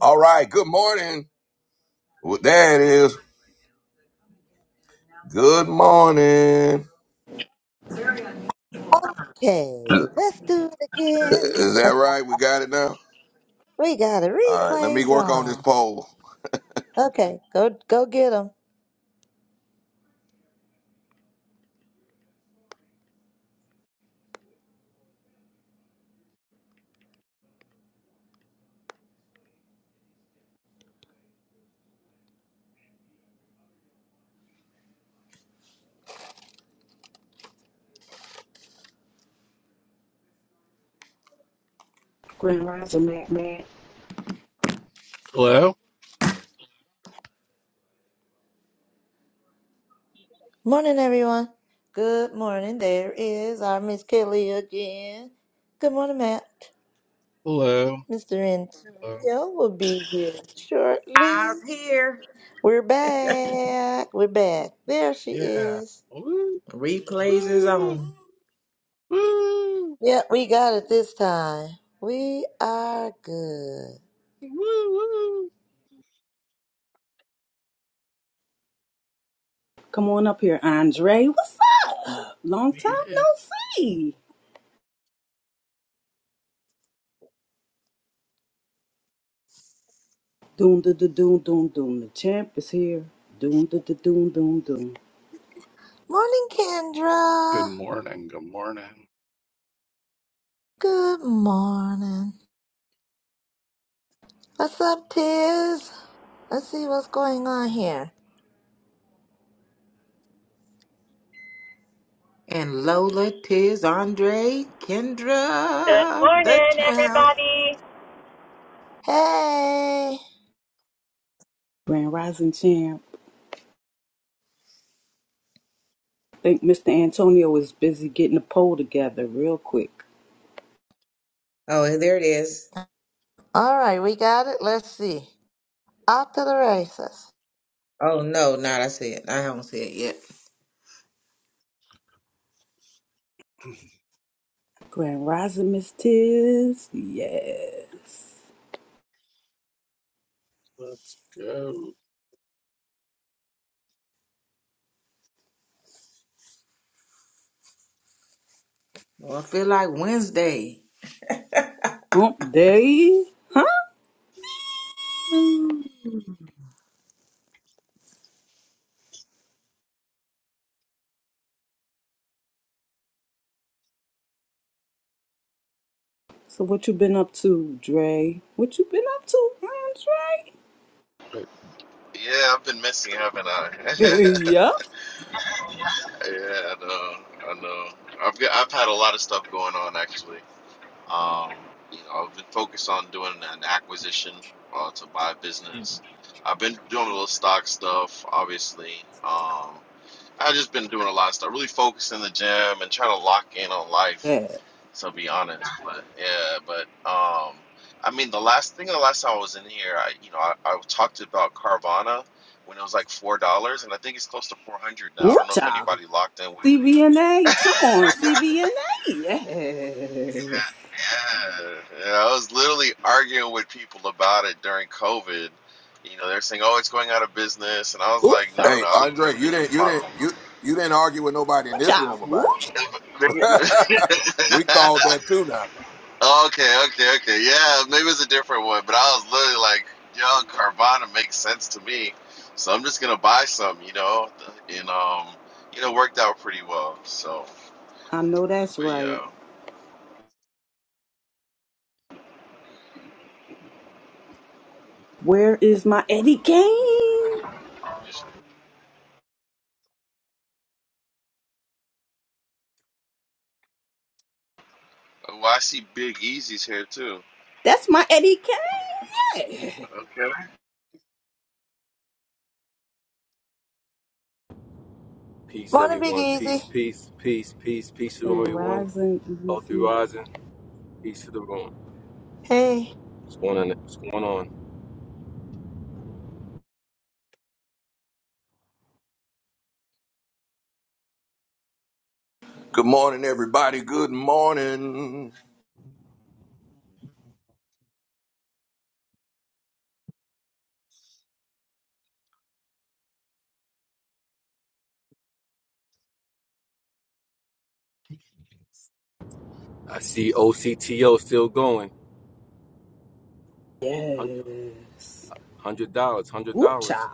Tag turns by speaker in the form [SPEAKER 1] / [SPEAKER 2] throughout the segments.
[SPEAKER 1] All right, good morning. Well, there it is. Good morning. Is
[SPEAKER 2] Okay, let's do it again.
[SPEAKER 1] that right? We got it now?
[SPEAKER 2] We got a
[SPEAKER 1] All right, let me
[SPEAKER 2] replays
[SPEAKER 1] work on this
[SPEAKER 2] on.
[SPEAKER 1] poll.
[SPEAKER 2] Okay, go go get 'em.
[SPEAKER 3] Grand Rising, Mac Mac.
[SPEAKER 4] Hello,
[SPEAKER 2] Morning, everyone. Good morning. There is our Miss Kelly again. Good morning, Matt.
[SPEAKER 4] hello,
[SPEAKER 2] Mr.
[SPEAKER 4] hello.
[SPEAKER 2] Antonio will be here shortly.
[SPEAKER 5] I'm here.
[SPEAKER 2] We're back. We're back. There she
[SPEAKER 4] Yeah.
[SPEAKER 2] is.
[SPEAKER 4] Woo,
[SPEAKER 5] Replays is
[SPEAKER 4] woo,
[SPEAKER 5] on.
[SPEAKER 4] woo,
[SPEAKER 2] Yeah, we got it this time. We are good.
[SPEAKER 4] woo, woo.
[SPEAKER 3] Come on up here, Andre. What's up? Long time
[SPEAKER 4] Yeah.
[SPEAKER 3] no see. Doom, da, da, doom, doom, doom. The champ is here. Doom, da, da, doom, doom, doom.
[SPEAKER 2] Morning,
[SPEAKER 4] Good
[SPEAKER 2] Kendra.
[SPEAKER 4] morning. Good morning.
[SPEAKER 2] Good morning. What's up, Tiz? Let's see what's going on here.
[SPEAKER 5] And Lola, Tiz, Andre,
[SPEAKER 6] Good
[SPEAKER 5] Kendra, the
[SPEAKER 6] morning,
[SPEAKER 5] champ.
[SPEAKER 6] everybody.
[SPEAKER 2] Hey!
[SPEAKER 3] Grand Rising champ. think Mr. Antonio is busy getting a poll together real quick.
[SPEAKER 5] Oh, there it is.
[SPEAKER 2] All right, we got it. Let's see. Off to the races.
[SPEAKER 5] Oh no, not I see it. I haven't seen it yet.
[SPEAKER 3] Grand Rising, Miss Tiz. Yeah.
[SPEAKER 4] Let's go.
[SPEAKER 5] Well, I feel like Wednesday.
[SPEAKER 3] Hump day. Huh?
[SPEAKER 5] Mm.
[SPEAKER 3] So what you been up to, Dre? What you been up to, Andre?
[SPEAKER 4] But
[SPEAKER 7] Yeah, I've been messy, haven't I? yeah,
[SPEAKER 3] yeah.
[SPEAKER 7] I know. I know. I've got, I've had a lot of stuff going on actually. Um, you know, I've been focused on doing an acquisition uh, to buy a business. I've been doing a little stock stuff, obviously. Um, I've just been doing a lot of stuff, really focused in the gym and trying to lock in on life
[SPEAKER 3] Yeah.
[SPEAKER 7] to be honest. But yeah, but um, I mean, the last thing, the last time I was in here, I you know, I, I talked about Carvana when it was like four dollars, and I think it's close to four hundred now. I
[SPEAKER 3] Woo
[SPEAKER 7] don't know if anybody locked in with me.
[SPEAKER 3] CVNA.
[SPEAKER 7] yeah,
[SPEAKER 3] Come on, CVNA. Yes.
[SPEAKER 7] yeah, I was literally arguing with people about it during COVID. You know, they're saying, "Oh, it's going out of business," and I was like, "No,
[SPEAKER 3] Boocha.
[SPEAKER 7] no, no!
[SPEAKER 1] Hey,
[SPEAKER 7] I'll open a
[SPEAKER 1] Andre, you
[SPEAKER 7] business
[SPEAKER 1] didn't you didn't you you didn't argue with nobody in this
[SPEAKER 3] Boocha.
[SPEAKER 1] room about
[SPEAKER 3] Boocha.
[SPEAKER 1] it. we
[SPEAKER 7] model."
[SPEAKER 1] called that too now.
[SPEAKER 7] Okay, okay, okay. Yeah, maybe it's a different one, but I was literally like, yo, Carvana makes sense to me. So I'm just gonna buy some, you know, and um, you know, worked out pretty well. So,
[SPEAKER 3] I know that's
[SPEAKER 7] but
[SPEAKER 3] right.
[SPEAKER 7] yeah,
[SPEAKER 3] Where is my Eddie Kane?
[SPEAKER 7] just, oh, I see Big Easy's here too.
[SPEAKER 3] That's my Eddie Kane.
[SPEAKER 7] Okay.
[SPEAKER 8] Peace,
[SPEAKER 2] Morning, Big
[SPEAKER 8] everyone.
[SPEAKER 2] Easy.
[SPEAKER 8] Peace, peace, peace, peace, peace to the room,
[SPEAKER 3] Grand
[SPEAKER 8] everyone.
[SPEAKER 3] Rising
[SPEAKER 8] All through
[SPEAKER 3] DC.
[SPEAKER 8] rising. Peace to the room.
[SPEAKER 2] Hey.
[SPEAKER 8] What's going on? What's going on?
[SPEAKER 1] Good morning, everybody. Good morning.
[SPEAKER 8] I see OCTO still going.
[SPEAKER 3] Yes.
[SPEAKER 8] Hundred dollars. Hundred
[SPEAKER 3] Boocha.
[SPEAKER 8] dollars.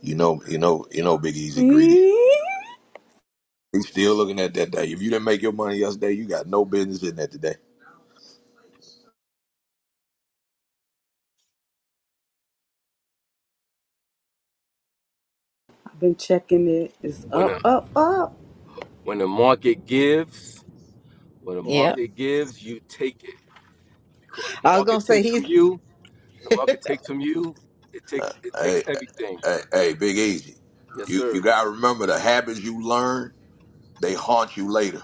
[SPEAKER 1] You know, you know, you know, Big Easy greedy. He's still looking at that day. If you didn't make your money yesterday, you got no business in that today.
[SPEAKER 3] I've been checking it. It's
[SPEAKER 8] When
[SPEAKER 3] up,
[SPEAKER 8] a
[SPEAKER 3] up, up.
[SPEAKER 8] when the market gives, when the
[SPEAKER 5] Yep.
[SPEAKER 8] market gives, you take it because when
[SPEAKER 5] I
[SPEAKER 8] the
[SPEAKER 5] was gonna
[SPEAKER 8] market
[SPEAKER 5] say
[SPEAKER 8] takes from
[SPEAKER 5] he's
[SPEAKER 8] you, when the market takes from you, it takes it takes
[SPEAKER 1] Hey,
[SPEAKER 8] everything.
[SPEAKER 1] hey, hey, Big Easy.
[SPEAKER 8] Yes,
[SPEAKER 1] You you
[SPEAKER 8] sir.
[SPEAKER 1] gotta remember the habits you learn they haunt you later.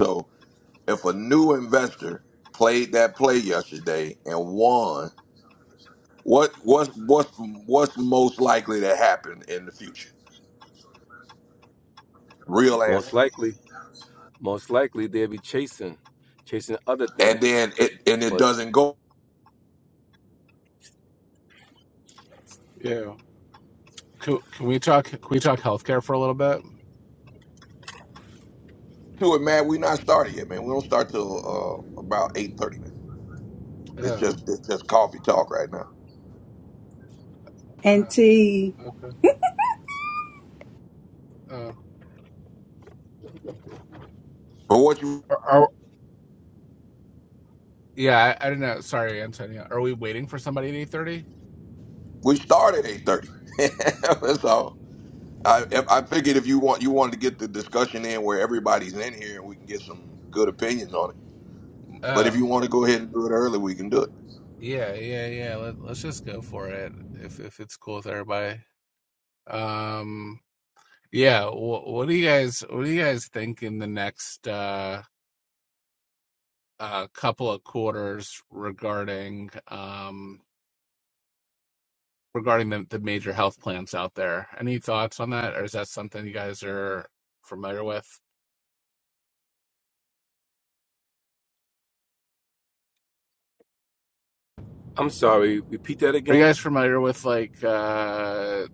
[SPEAKER 1] So if a new investor played that play yesterday and won, what what's what's what's most likely to happen in the future? Real
[SPEAKER 8] Most
[SPEAKER 1] answer.
[SPEAKER 8] likely, most likely they'll be chasing, chasing other
[SPEAKER 1] And
[SPEAKER 8] things.
[SPEAKER 1] then it and it
[SPEAKER 8] But
[SPEAKER 1] doesn't go
[SPEAKER 4] yeah, can, can we talk? Can we talk healthcare for a little bit?
[SPEAKER 1] to it, man. we not started yet, man. We don't start till uh, about eight thirty, man. It's
[SPEAKER 4] Oh,
[SPEAKER 1] just it's just coffee talk right now.
[SPEAKER 3] And
[SPEAKER 4] uh,
[SPEAKER 3] T,
[SPEAKER 4] okay. Oh,
[SPEAKER 1] But what you
[SPEAKER 4] are, are- yeah. I, I don't know. Sorry, Antonio. Are we waiting for somebody at eight thirty?
[SPEAKER 1] we start at eight thirty. That's all. I if- I figured if you want you wanted to get the discussion in where everybody's in here and we can get some good opinions on it But
[SPEAKER 4] Oh,
[SPEAKER 1] if you want to go ahead and do it early, we can do it.
[SPEAKER 4] yeah, yeah, yeah. Let, let's just go for it if if it's cool with everybody. Um. Yeah, wh- what do you guys what do you guys think in the next uh uh couple of quarters regarding um regarding the the major health plans out there? Any thoughts on that, or is that something you guys are familiar with?
[SPEAKER 8] I'm sorry. Repeat that
[SPEAKER 4] Are you
[SPEAKER 8] again.
[SPEAKER 4] guys familiar with like uh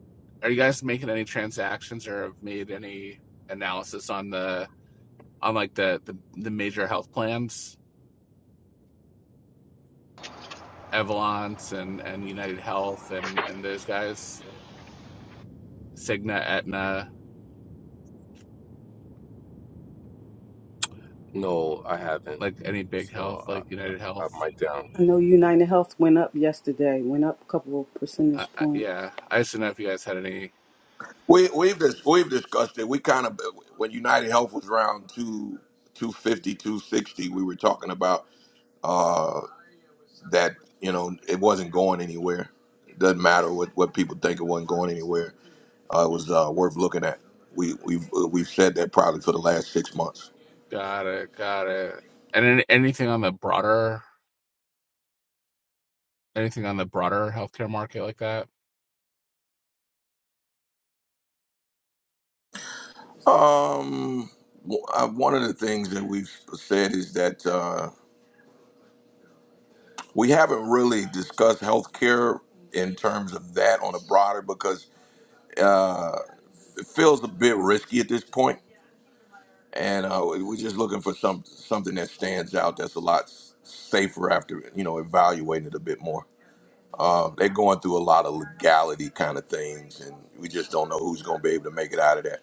[SPEAKER 4] are you guys making any transactions or have made any analysis on the on like the the, the major health plans, Evolance and and United Health and and those guys, Cigna, Aetna?
[SPEAKER 8] No, I haven't.
[SPEAKER 4] like any big health,
[SPEAKER 8] So I,
[SPEAKER 4] like United Health.
[SPEAKER 8] I'm mic down.
[SPEAKER 3] I know United Health went up yesterday, went up a couple of
[SPEAKER 4] I,
[SPEAKER 3] percentage
[SPEAKER 4] I,
[SPEAKER 3] points.
[SPEAKER 4] yeah, I just didn't know if you guys had any.
[SPEAKER 1] We, we've dis- we've discussed it. We kind of when United Health was around two two fifty two sixty, we were talking about uh, that you know it wasn't going anywhere. It doesn't matter what, what people think it wasn't going anywhere. Uh, it was uh, worth looking at. We we've uh, we've said that probably for the last six months.
[SPEAKER 4] Got it, got it. And any, anything on the broader, anything on the broader healthcare market like that.
[SPEAKER 1] Um, w- uh, one of the things that we've said is that. Uh, We haven't really discussed healthcare in terms of that on a broader because uh, it feels a bit risky at this point, and uh, we're just looking for some something that stands out that's a lot s- safer after you know evaluating it a bit more. Um, they're going through a lot of legality kind of things, and we just don't know who's going to be able to make it out of that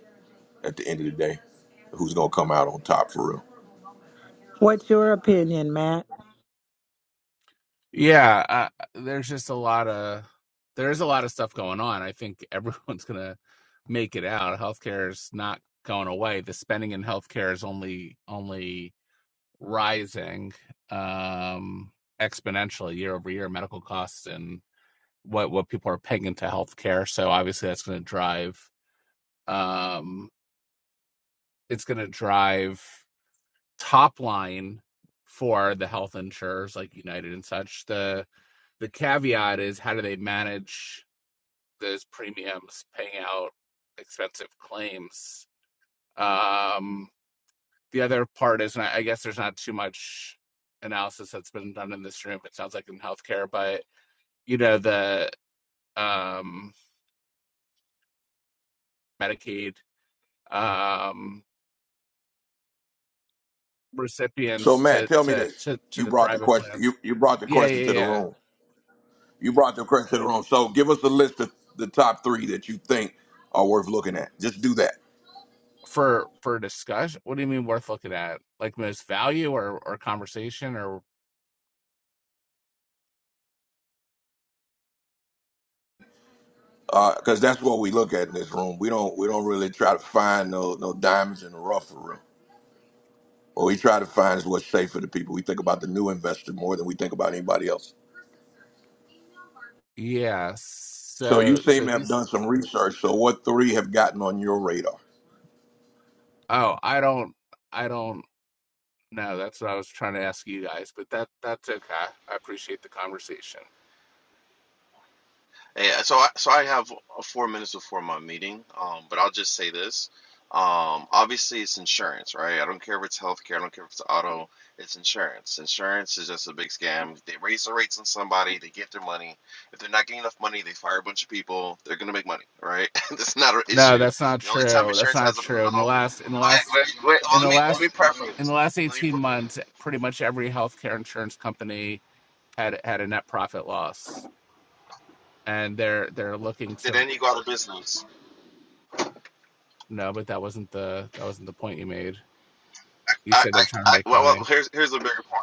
[SPEAKER 1] at the end of the day. Who's going to come out on top for real?
[SPEAKER 5] What's your opinion, Matt?
[SPEAKER 4] Yeah, uh, there's just a lot of there's a lot of stuff going on. I think everyone's gonna make it out. Healthcare is not going away. The spending in healthcare is only only rising um exponentially year over year. Medical costs and. what what people are paying into healthcare. So obviously that's going to drive um it's going to drive top line for the health insurers like United and such. The the caveat is how do they manage those premiums paying out expensive claims? Um the other part is and I I guess there's not too much analysis that's been done in this room. It sounds like in healthcare, but you know the um Medicaid. Um
[SPEAKER 1] So
[SPEAKER 4] recipients
[SPEAKER 1] Matt,
[SPEAKER 4] to
[SPEAKER 1] tell me
[SPEAKER 4] to
[SPEAKER 1] this:
[SPEAKER 4] to to
[SPEAKER 1] you
[SPEAKER 4] the
[SPEAKER 1] brought the
[SPEAKER 4] private
[SPEAKER 1] question
[SPEAKER 4] plans.
[SPEAKER 1] you you brought the
[SPEAKER 4] Yeah,
[SPEAKER 1] question to
[SPEAKER 4] yeah,
[SPEAKER 1] the
[SPEAKER 4] yeah.
[SPEAKER 1] room. You brought the correct to the room. So give us a list of the top three that you think are worth looking at. Just do that,
[SPEAKER 4] For for discussion, what do you mean worth looking at? Like most value or or conversation or
[SPEAKER 1] because that's what we look at in this room. We don't we don't really try to find no no diamonds in the rough for real. What we try to find is what's safe for the people. We think about the new investor more than we think about anybody else.
[SPEAKER 4] yeah.
[SPEAKER 1] So you
[SPEAKER 4] So
[SPEAKER 1] seem
[SPEAKER 4] so
[SPEAKER 1] to have
[SPEAKER 4] these.
[SPEAKER 1] done some research. So what three have gotten on your radar?
[SPEAKER 4] Oh, I don't. I don't know. That's what I was trying to ask you guys, but that that's okay. I appreciate the conversation.
[SPEAKER 7] Yeah, so I, so I have uh, four minutes before my meeting, um, but I'll just say this. Um, obviously, it's insurance, right? I don't care if it's healthcare, I don't care if it's auto, it's insurance. Insurance is just a big scam. They raise the rates on somebody, they get their money. If they're not getting enough money, they fire a bunch of people. They're gonna make money, right? That's not an
[SPEAKER 4] No,
[SPEAKER 7] issue.
[SPEAKER 4] that's not
[SPEAKER 7] The only time
[SPEAKER 4] true. That's
[SPEAKER 7] insurance
[SPEAKER 4] not
[SPEAKER 7] has a
[SPEAKER 4] true. In the
[SPEAKER 7] problem.
[SPEAKER 4] last in the
[SPEAKER 7] Yeah,
[SPEAKER 4] last
[SPEAKER 7] wait, wait, well,
[SPEAKER 4] in
[SPEAKER 7] let
[SPEAKER 4] the
[SPEAKER 7] me let me
[SPEAKER 4] last in
[SPEAKER 7] preface.
[SPEAKER 4] the last
[SPEAKER 7] Let me.
[SPEAKER 4] 18
[SPEAKER 7] pre-
[SPEAKER 4] months, pretty much every healthcare insurance company had had a net profit loss. and they're they're looking
[SPEAKER 7] Did
[SPEAKER 4] to
[SPEAKER 7] any go out of business?
[SPEAKER 4] no, but that wasn't the that wasn't the point you made. You
[SPEAKER 7] I,
[SPEAKER 4] said
[SPEAKER 7] I,
[SPEAKER 4] they're trying to
[SPEAKER 7] I
[SPEAKER 4] make
[SPEAKER 7] well, well,
[SPEAKER 4] money.
[SPEAKER 7] here's here's a bigger point.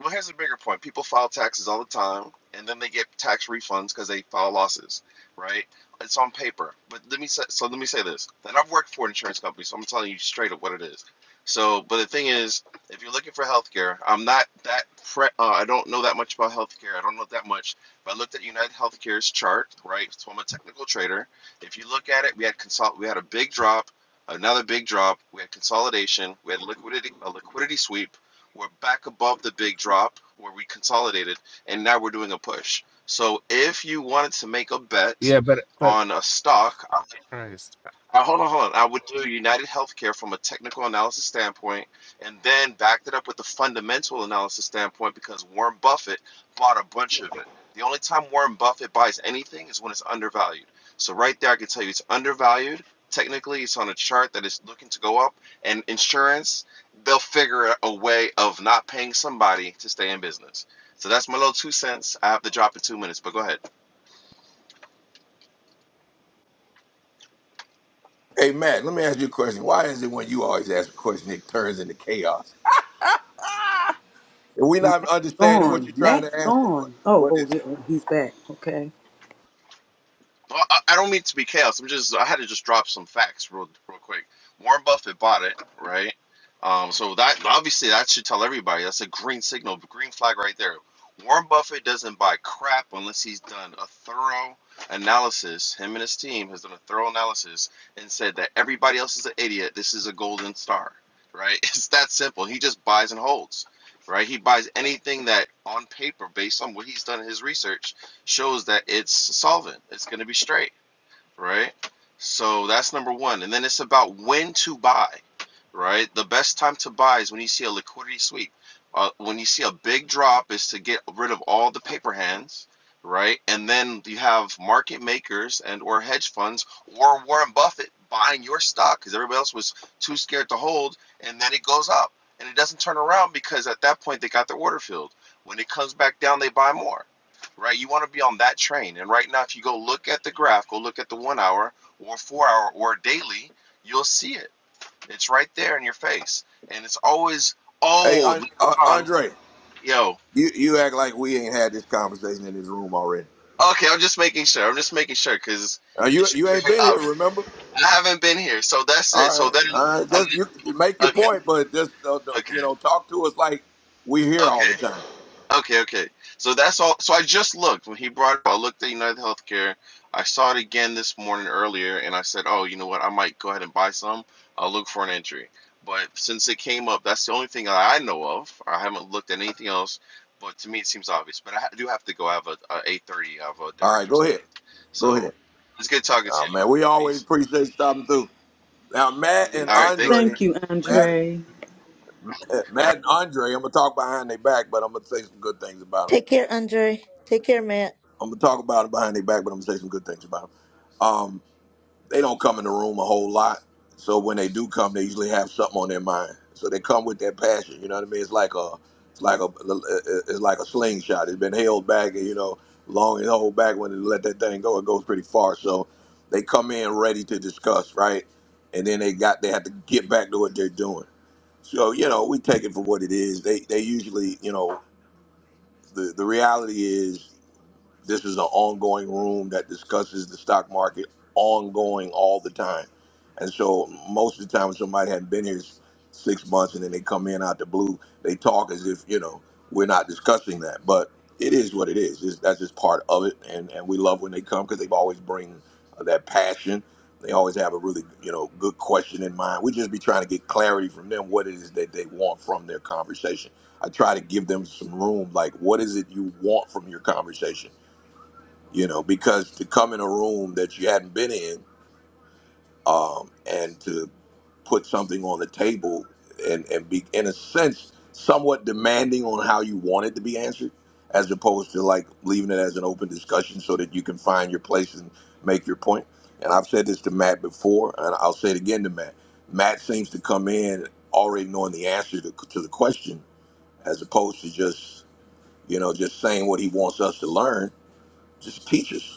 [SPEAKER 7] Well, here's a bigger point. People file taxes all the time, and then they get tax refunds because they file losses, right? It's on paper. But let me say, so let me say this. And I've worked for an insurance company, so I'm telling you straight up what it is. So, but the thing is, if you're looking for healthcare, I'm not that pre- uh, I don't know that much about healthcare. I don't know that much. But I looked at United Healthcare's chart, right? So I'm a technical trader. If you look at it, we had consult, we had a big drop, another big drop. We had consolidation. We had liquidity, a liquidity sweep we're back above the big drop where we consolidated, and now we're doing a push. So if you wanted to make a bet
[SPEAKER 4] Yeah, but but
[SPEAKER 7] on a stock, I
[SPEAKER 4] Christ.
[SPEAKER 7] uh, hold on, hold on. I would do United Healthcare from a technical analysis standpoint, and then backed it up with the fundamental analysis standpoint because Warren Buffett bought a bunch of it. The only time Warren Buffett buys anything is when it's undervalued. So right there, I can tell you it's undervalued. Technically, it's on a chart that is looking to go up, and insurance, they'll figure out a way of not paying somebody to stay in business. So that's my little two cents. I have to drop in two minutes, but go ahead.
[SPEAKER 1] Hey Matt, let me ask you a question. Why is it when you always ask a question, it turns into chaos? Are we not understanding what you're
[SPEAKER 3] Gone.
[SPEAKER 1] trying to
[SPEAKER 3] Matt's
[SPEAKER 1] ask, or what?
[SPEAKER 3] gone. Oh,
[SPEAKER 1] What
[SPEAKER 3] oh,
[SPEAKER 1] is
[SPEAKER 3] there- oh, he's back. Okay.
[SPEAKER 7] Well, I I don't mean to be chaos. I'm just I had to just drop some facts real real quick. Warren Buffett bought it, right? Um, so that obviously that should tell everybody. That's a green signal, green flag right there. Warren Buffett doesn't buy crap unless he's done a thorough analysis. Him and his team has done a thorough analysis and said that everybody else is an idiot. This is a golden star, right? It's that simple. He just buys and holds, right? He buys anything that on paper, based on what he's done in his research, shows that it's solvent. It's going to be straight, right? So that's number one. And then it's about when to buy, right? The best time to buy is when you see a liquidity sweep. Uh, when you see a big drop, is to get rid of all the paper hands, right? And then you have market makers and or hedge funds or Warren Buffett buying your stock because everybody else was too scared to hold, and then it goes up and it doesn't turn around because at that point they got their order filled. When it comes back down, they buy more right? You want to be on that train. And right now, if you go look at the graph, go look at the one hour or four hour or daily, you'll see it. It's right there in your face. And it's always,
[SPEAKER 1] it? Hey,
[SPEAKER 7] oh,
[SPEAKER 1] An- uh,
[SPEAKER 7] Leon,
[SPEAKER 1] Andre,
[SPEAKER 7] yo.
[SPEAKER 1] You you act like we ain't had this conversation in this room already.
[SPEAKER 7] Okay, I'm just making sure. I'm just making sure because
[SPEAKER 1] Uh,
[SPEAKER 7] it
[SPEAKER 1] you
[SPEAKER 7] should
[SPEAKER 1] you
[SPEAKER 7] be
[SPEAKER 1] ain't been here,
[SPEAKER 7] obvious.
[SPEAKER 1] remember?
[SPEAKER 7] I haven't been here. So that's it.
[SPEAKER 1] All
[SPEAKER 7] So
[SPEAKER 1] right,
[SPEAKER 7] then,
[SPEAKER 1] all right. Just you can make your
[SPEAKER 7] okay,
[SPEAKER 1] point, but just uh, don't-
[SPEAKER 7] okay,
[SPEAKER 1] you know, talk to us like we are here all
[SPEAKER 7] okay.
[SPEAKER 1] the time.
[SPEAKER 7] Okay, okay. So that's all. So I just looked when he brought it up. I looked at United Healthcare. I saw it again this morning earlier, and I said, "Oh, you know what? I might go ahead and buy some. I'll look for an entry." But since it came up, that's the only thing I know of. I haven't looked at anything else. But to me, it seems obvious. But I do have to go. I have a, a eight thirty. I have a
[SPEAKER 1] All right, go
[SPEAKER 7] directors
[SPEAKER 1] ahead,
[SPEAKER 7] meeting.
[SPEAKER 1] go ahead.
[SPEAKER 7] So it's good talking to
[SPEAKER 1] Oh
[SPEAKER 7] you.
[SPEAKER 1] man, we always
[SPEAKER 7] Peace.
[SPEAKER 1] appreciate you stopping through. Now Matt and
[SPEAKER 7] All right, thanks.
[SPEAKER 1] Andre,
[SPEAKER 3] Thank you,
[SPEAKER 1] Matt,
[SPEAKER 3] Andre.
[SPEAKER 1] Matt and Andre, I'm gonna talk behind their back, but I'm gonna say some good things about them.
[SPEAKER 2] Take care, Andre. Take care, Matt.
[SPEAKER 1] I'm gonna talk about them behind their back, but I'm gonna say some good things about them. They don't come in the room a whole lot. So when they do come, they usually have something on their mind. So they come with their passion. You know what I mean? It's like a, it's like a, it's like a slingshot. It's been held back, you know, long and hold back. When they let that thing go, it goes pretty far. So they come in ready to discuss, right? And then they got, they have to get back to what they're doing. So you know, we take it for what it is. They, they usually, you know, the the reality is this is an ongoing room that discusses the stock market ongoing all the time. And so most of the time, when somebody hadn't been here s- six months and then they come in out the blue, they talk as if, you know, we're not discussing that. But it is what it is. It's, that's just part of it. And, and we love when they come because they've always bring uh, that passion. They always have a really, you know, good question in mind. We just be trying to get clarity from them what it is that they want from their conversation. I try to give them some room. Like, what is it you want from your conversation? you know, because to come in a room that you hadn't been in um, and to put something on the table and, and be, in a sense, somewhat demanding on how you want it to be answered, as opposed to like leaving it as an open discussion so that you can find your place and make your point. And I've said this to Matt before, and I'll say it again to Matt. Matt seems to come in already knowing the answer to, to the question, as opposed to just, you know, just saying what he wants us to learn. Just teach us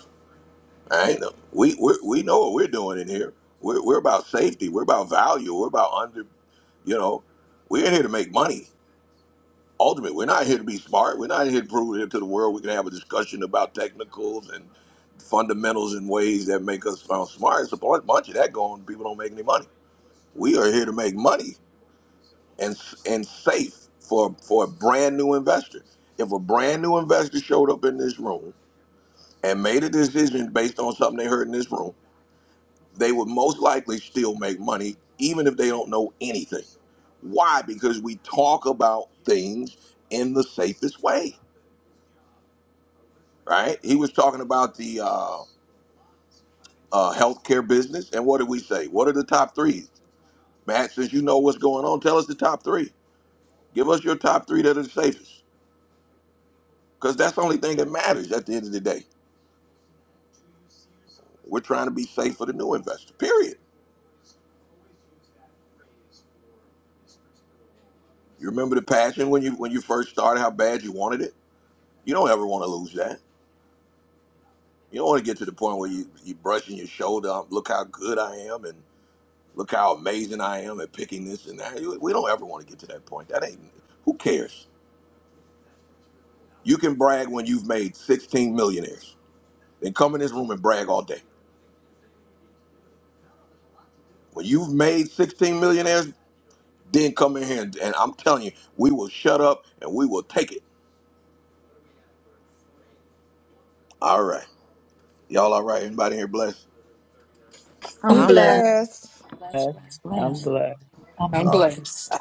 [SPEAKER 1] I ain't We we we know what we're doing in here. We're we're about safety. We're about value. We're about under. You know, we're in here to make money. Ultimately, we're not here to be smart. We're not here to prove it to the world. We can have a discussion about technicals and fundamentals and ways that make us sound smart. It's a bu- bunch of that going. People don't make any money. We are here to make money and s- and safe for for a brand new investor. If a brand new investor showed up in this room and made a decision based on something they heard in this room they would most likely still make money even if they don't know anything. Why? Because we talk about things in the safest way, right? He was talking about the uh, uh, healthcare business, and what did we say? What are the top three? Matt, since you know what's going on, tell us the top three. Give us your top three that are the safest, because that's the only thing that matters at the end of the day. We're trying to be safe for the new investor. Period. You remember the passion when you when you first started, how bad you wanted it. You don't ever want to lose that You don't want to get to the point where you you brushing your shoulder up. Look how good I am, and look how amazing I am at picking this and that. You- We don't ever want to get to that point. That ain't. Who cares? You can brag when you've made 16 millionaires. Then come in this room and brag all day. When you've made 16 millionaires, then come in here and, and I'm telling you, we will shut up and we will take it. All right, y'all. All right. Anybody here blessed?
[SPEAKER 2] i
[SPEAKER 3] I'm
[SPEAKER 5] I'm
[SPEAKER 2] am
[SPEAKER 3] blessed.
[SPEAKER 5] blessed.
[SPEAKER 9] Bless,
[SPEAKER 10] blessed.
[SPEAKER 9] bless,
[SPEAKER 10] I'm
[SPEAKER 9] bless.
[SPEAKER 10] blessed.
[SPEAKER 9] I'm
[SPEAKER 11] I'm
[SPEAKER 1] All right.
[SPEAKER 9] blessed.
[SPEAKER 11] blessed.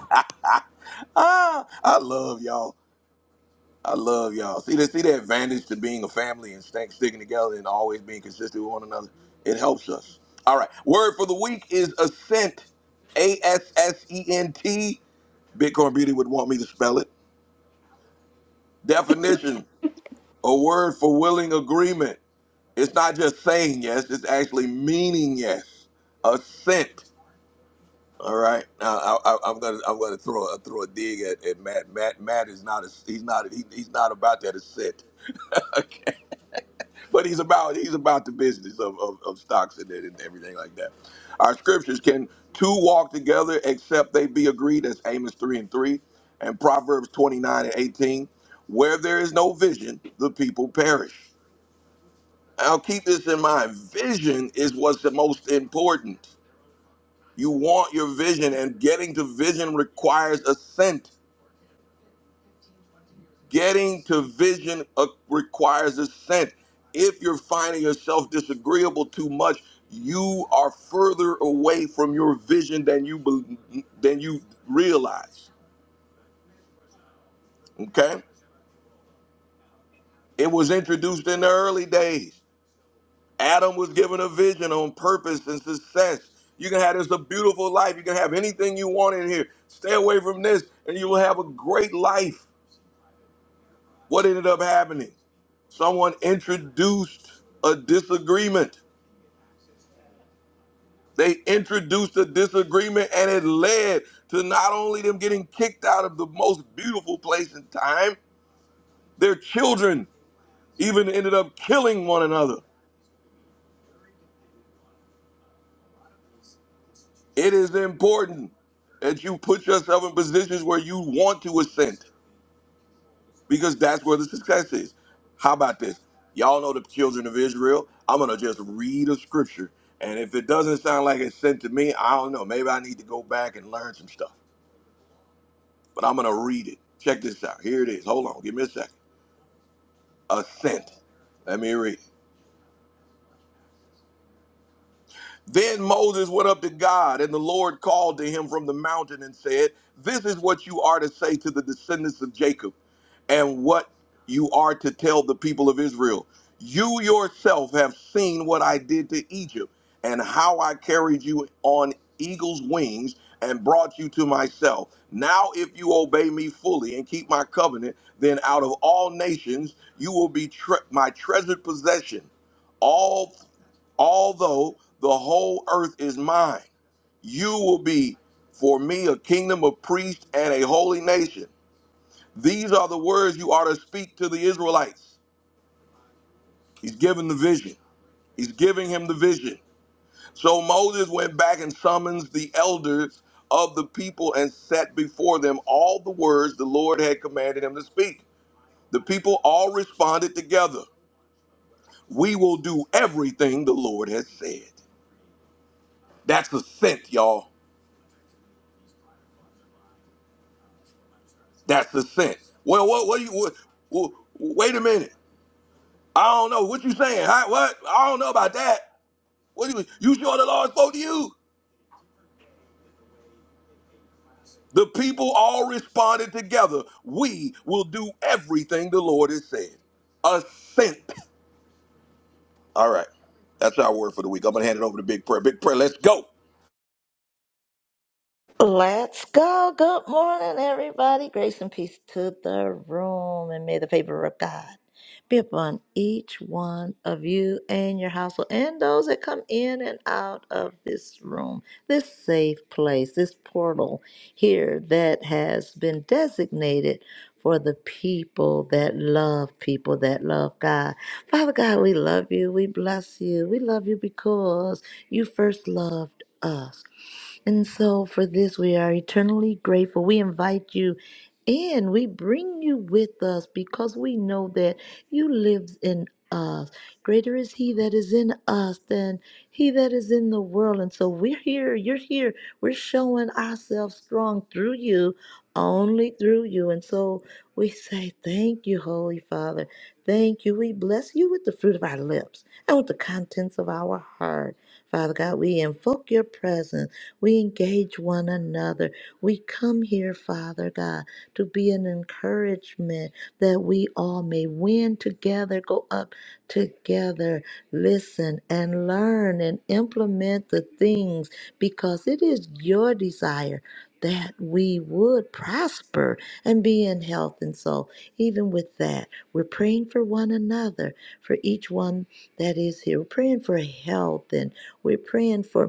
[SPEAKER 1] Ah, I love y'all. I love y'all. See that see the advantage to being a family and staying sticking together and always being consistent with one another. It helps us. All right. Word for the week is ascent. A S S E N T. Bitcoin Beauty would want me to spell it. Definition: A word for willing agreement. It's not just saying yes; it's actually meaning yes. Assent. All right. Now I, I, I'm gonna I'm gonna throw a throw a dig at, at Matt. Matt Matt is not a, he's not he, he's not about that assent. but he's about he's about the business of, of, of stocks and it and everything like that. Our scriptures can two walk together except they be agreed. That's Amos three and three, and Proverbs twenty nine and eighteen. Where there is no vision, the people perish. Now keep this in mind. Vision is what's the most important. You want your vision, and getting to vision requires assent. Getting to vision uh, requires assent. If you're finding yourself disagreeable too much, you are further away from your vision than you bel than you realize. Okay? It was introduced in the early days. Adam was given a vision on purpose and success. You can have this a beautiful life. You can have anything you want in here. Stay away from this, and you will have a great life. What ended up happening? Someone introduced a disagreement They introduced a disagreement and it led to not only them getting kicked out of the most beautiful place in time, their children even ended up killing one another. It is important that you put yourself in positions where you want to ascend because that's where the success is. How about this? Y'all know the children of Israel. I'm going to just read a scripture. And if it doesn't sound like it's sent to me, I don't know. Maybe I need to go back and learn some stuff. but I'm going to read it. Check this out. Here it is. Hold on. Give me a second. Assent. Let me read it. Then Moses went up to God, and the Lord called to him from the mountain and said, This is what you are to say to the descendants of Jacob, and what you are to tell the people of Israel. You yourself have seen what I did to Egypt, and how I carried you on eagle's wings and brought you to myself. Now, if you obey me fully and keep my covenant, then out of all nations you will be tre- my treasured possession. All." although the whole earth is mine. You will be for me a kingdom of priests and a holy nation. These are the words you are to speak to the Israelites. He's given the vision. He's giving him the vision. So Moses went back and summons the elders of the people and set before them all the words the Lord had commanded him to speak. The people all responded together. We will do everything the Lord has said. That's a scent, y'all. That's the sense. Well, what what do you what, what, wait a minute. I don't know what you saying. Huh? What I don't know about that. What do you you sure the Lord spoke to you? The people all responded together. We will do everything the Lord has said. Assent. All right. That's our word for the week. I'm gonna hand it over to Big Prayer. Big Prayer, let's go.
[SPEAKER 2] Let's go. Good morning, everybody. Grace and peace to the room, and may the favor of God be upon each one of you and your household, and those that come in and out of this room, this safe place, this portal here that has been designated for the people that love people that love God. Father God, we love you. We bless you. We love you because you first loved us. And so for this, we are eternally grateful. We invite you in. We bring you with us because we know that you live in us. Greater is he that is in us than he that is in the world. And so we're here. You're here. We're showing ourselves strong through you, only through you. And so we say, Thank you, Holy Father. Thank you. We bless you with the fruit of our lips and with the contents of our heart. Father God, we invoke your presence. We engage one another. We come here, Father God, to be an encouragement that we all may win together, go up together, listen and learn and implement the things because it is your desire that we would prosper and be in health and so even with that we're praying for one another for each one that is here we're praying for health and we're praying for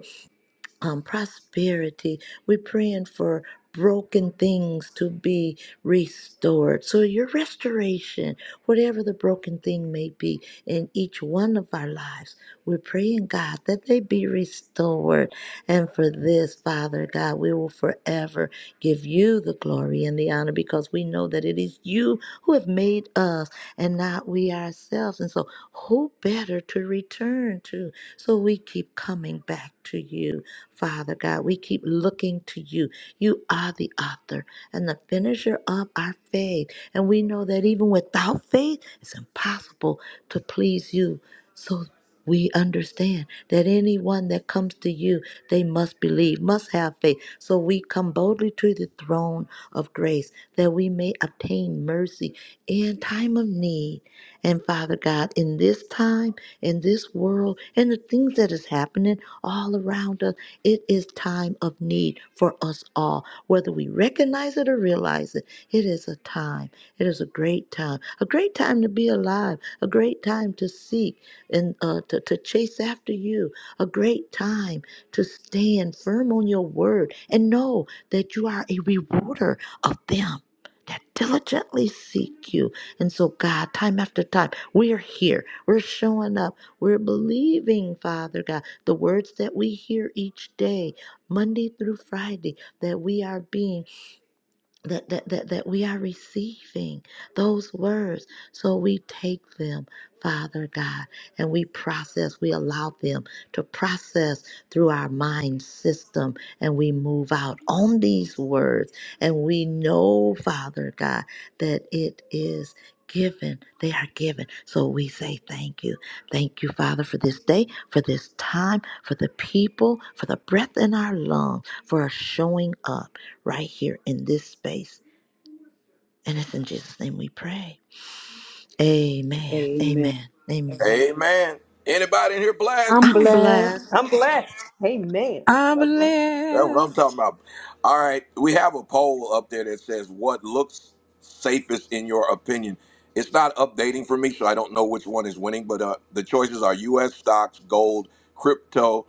[SPEAKER 2] um, prosperity. We're praying for broken things to be restored. So, your restoration, whatever the broken thing may be in each one of our lives, we're praying, God, that they be restored. And for this, Father God, we will forever give you the glory and the honor because we know that it is you who have made us and not we ourselves. And so, who better to return to? So we keep coming back to you, Father God. We keep looking to you. You are the author and the finisher of our faith. And we know that even without faith, it's impossible to please you. So we understand that anyone that comes to you, they must believe, must have faith. So we come boldly to the throne of grace that we may obtain mercy in time of need. And Father God, in this time, in this world and the things that is happening all around us. It is time of need for us all. Whether we recognize it or realize it, it is a time. It is a great time. A great time to be alive. A great time to seek and uh, to, to chase after you. A great time to stand firm on your word and know that you are a rewarder of them that diligently seek you and so, God, time after time, we're here. We're showing up. We're believing, Father God, the words that we hear each day, Monday through Friday, that we are being that, that, that, that we are receiving those words. So we take them, Father God, and we process, we allow them to process through our mind system, and we move out on these words. And we know, Father God, that it is. Given, they are given. So we say thank you. Thank you, Father, for this day, for this time, for the people, for the breath in our lungs, for us showing up right here in this space. And it's in Jesus' name we pray. Amen.
[SPEAKER 3] Amen.
[SPEAKER 2] Amen. Amen.
[SPEAKER 1] Amen. Anybody in here blessed?
[SPEAKER 3] I'm
[SPEAKER 2] I'm
[SPEAKER 3] blessed.
[SPEAKER 2] blessed.
[SPEAKER 12] I'm blessed. Amen.
[SPEAKER 13] I'm
[SPEAKER 1] That's what, I'm, that's what I'm
[SPEAKER 13] blessed.
[SPEAKER 1] talking about. All right, we have a poll up there that says what looks safest in your opinion. It's not updating for me, so I don't know which one is winning. But uh, the choices are U.S. stocks, gold, crypto,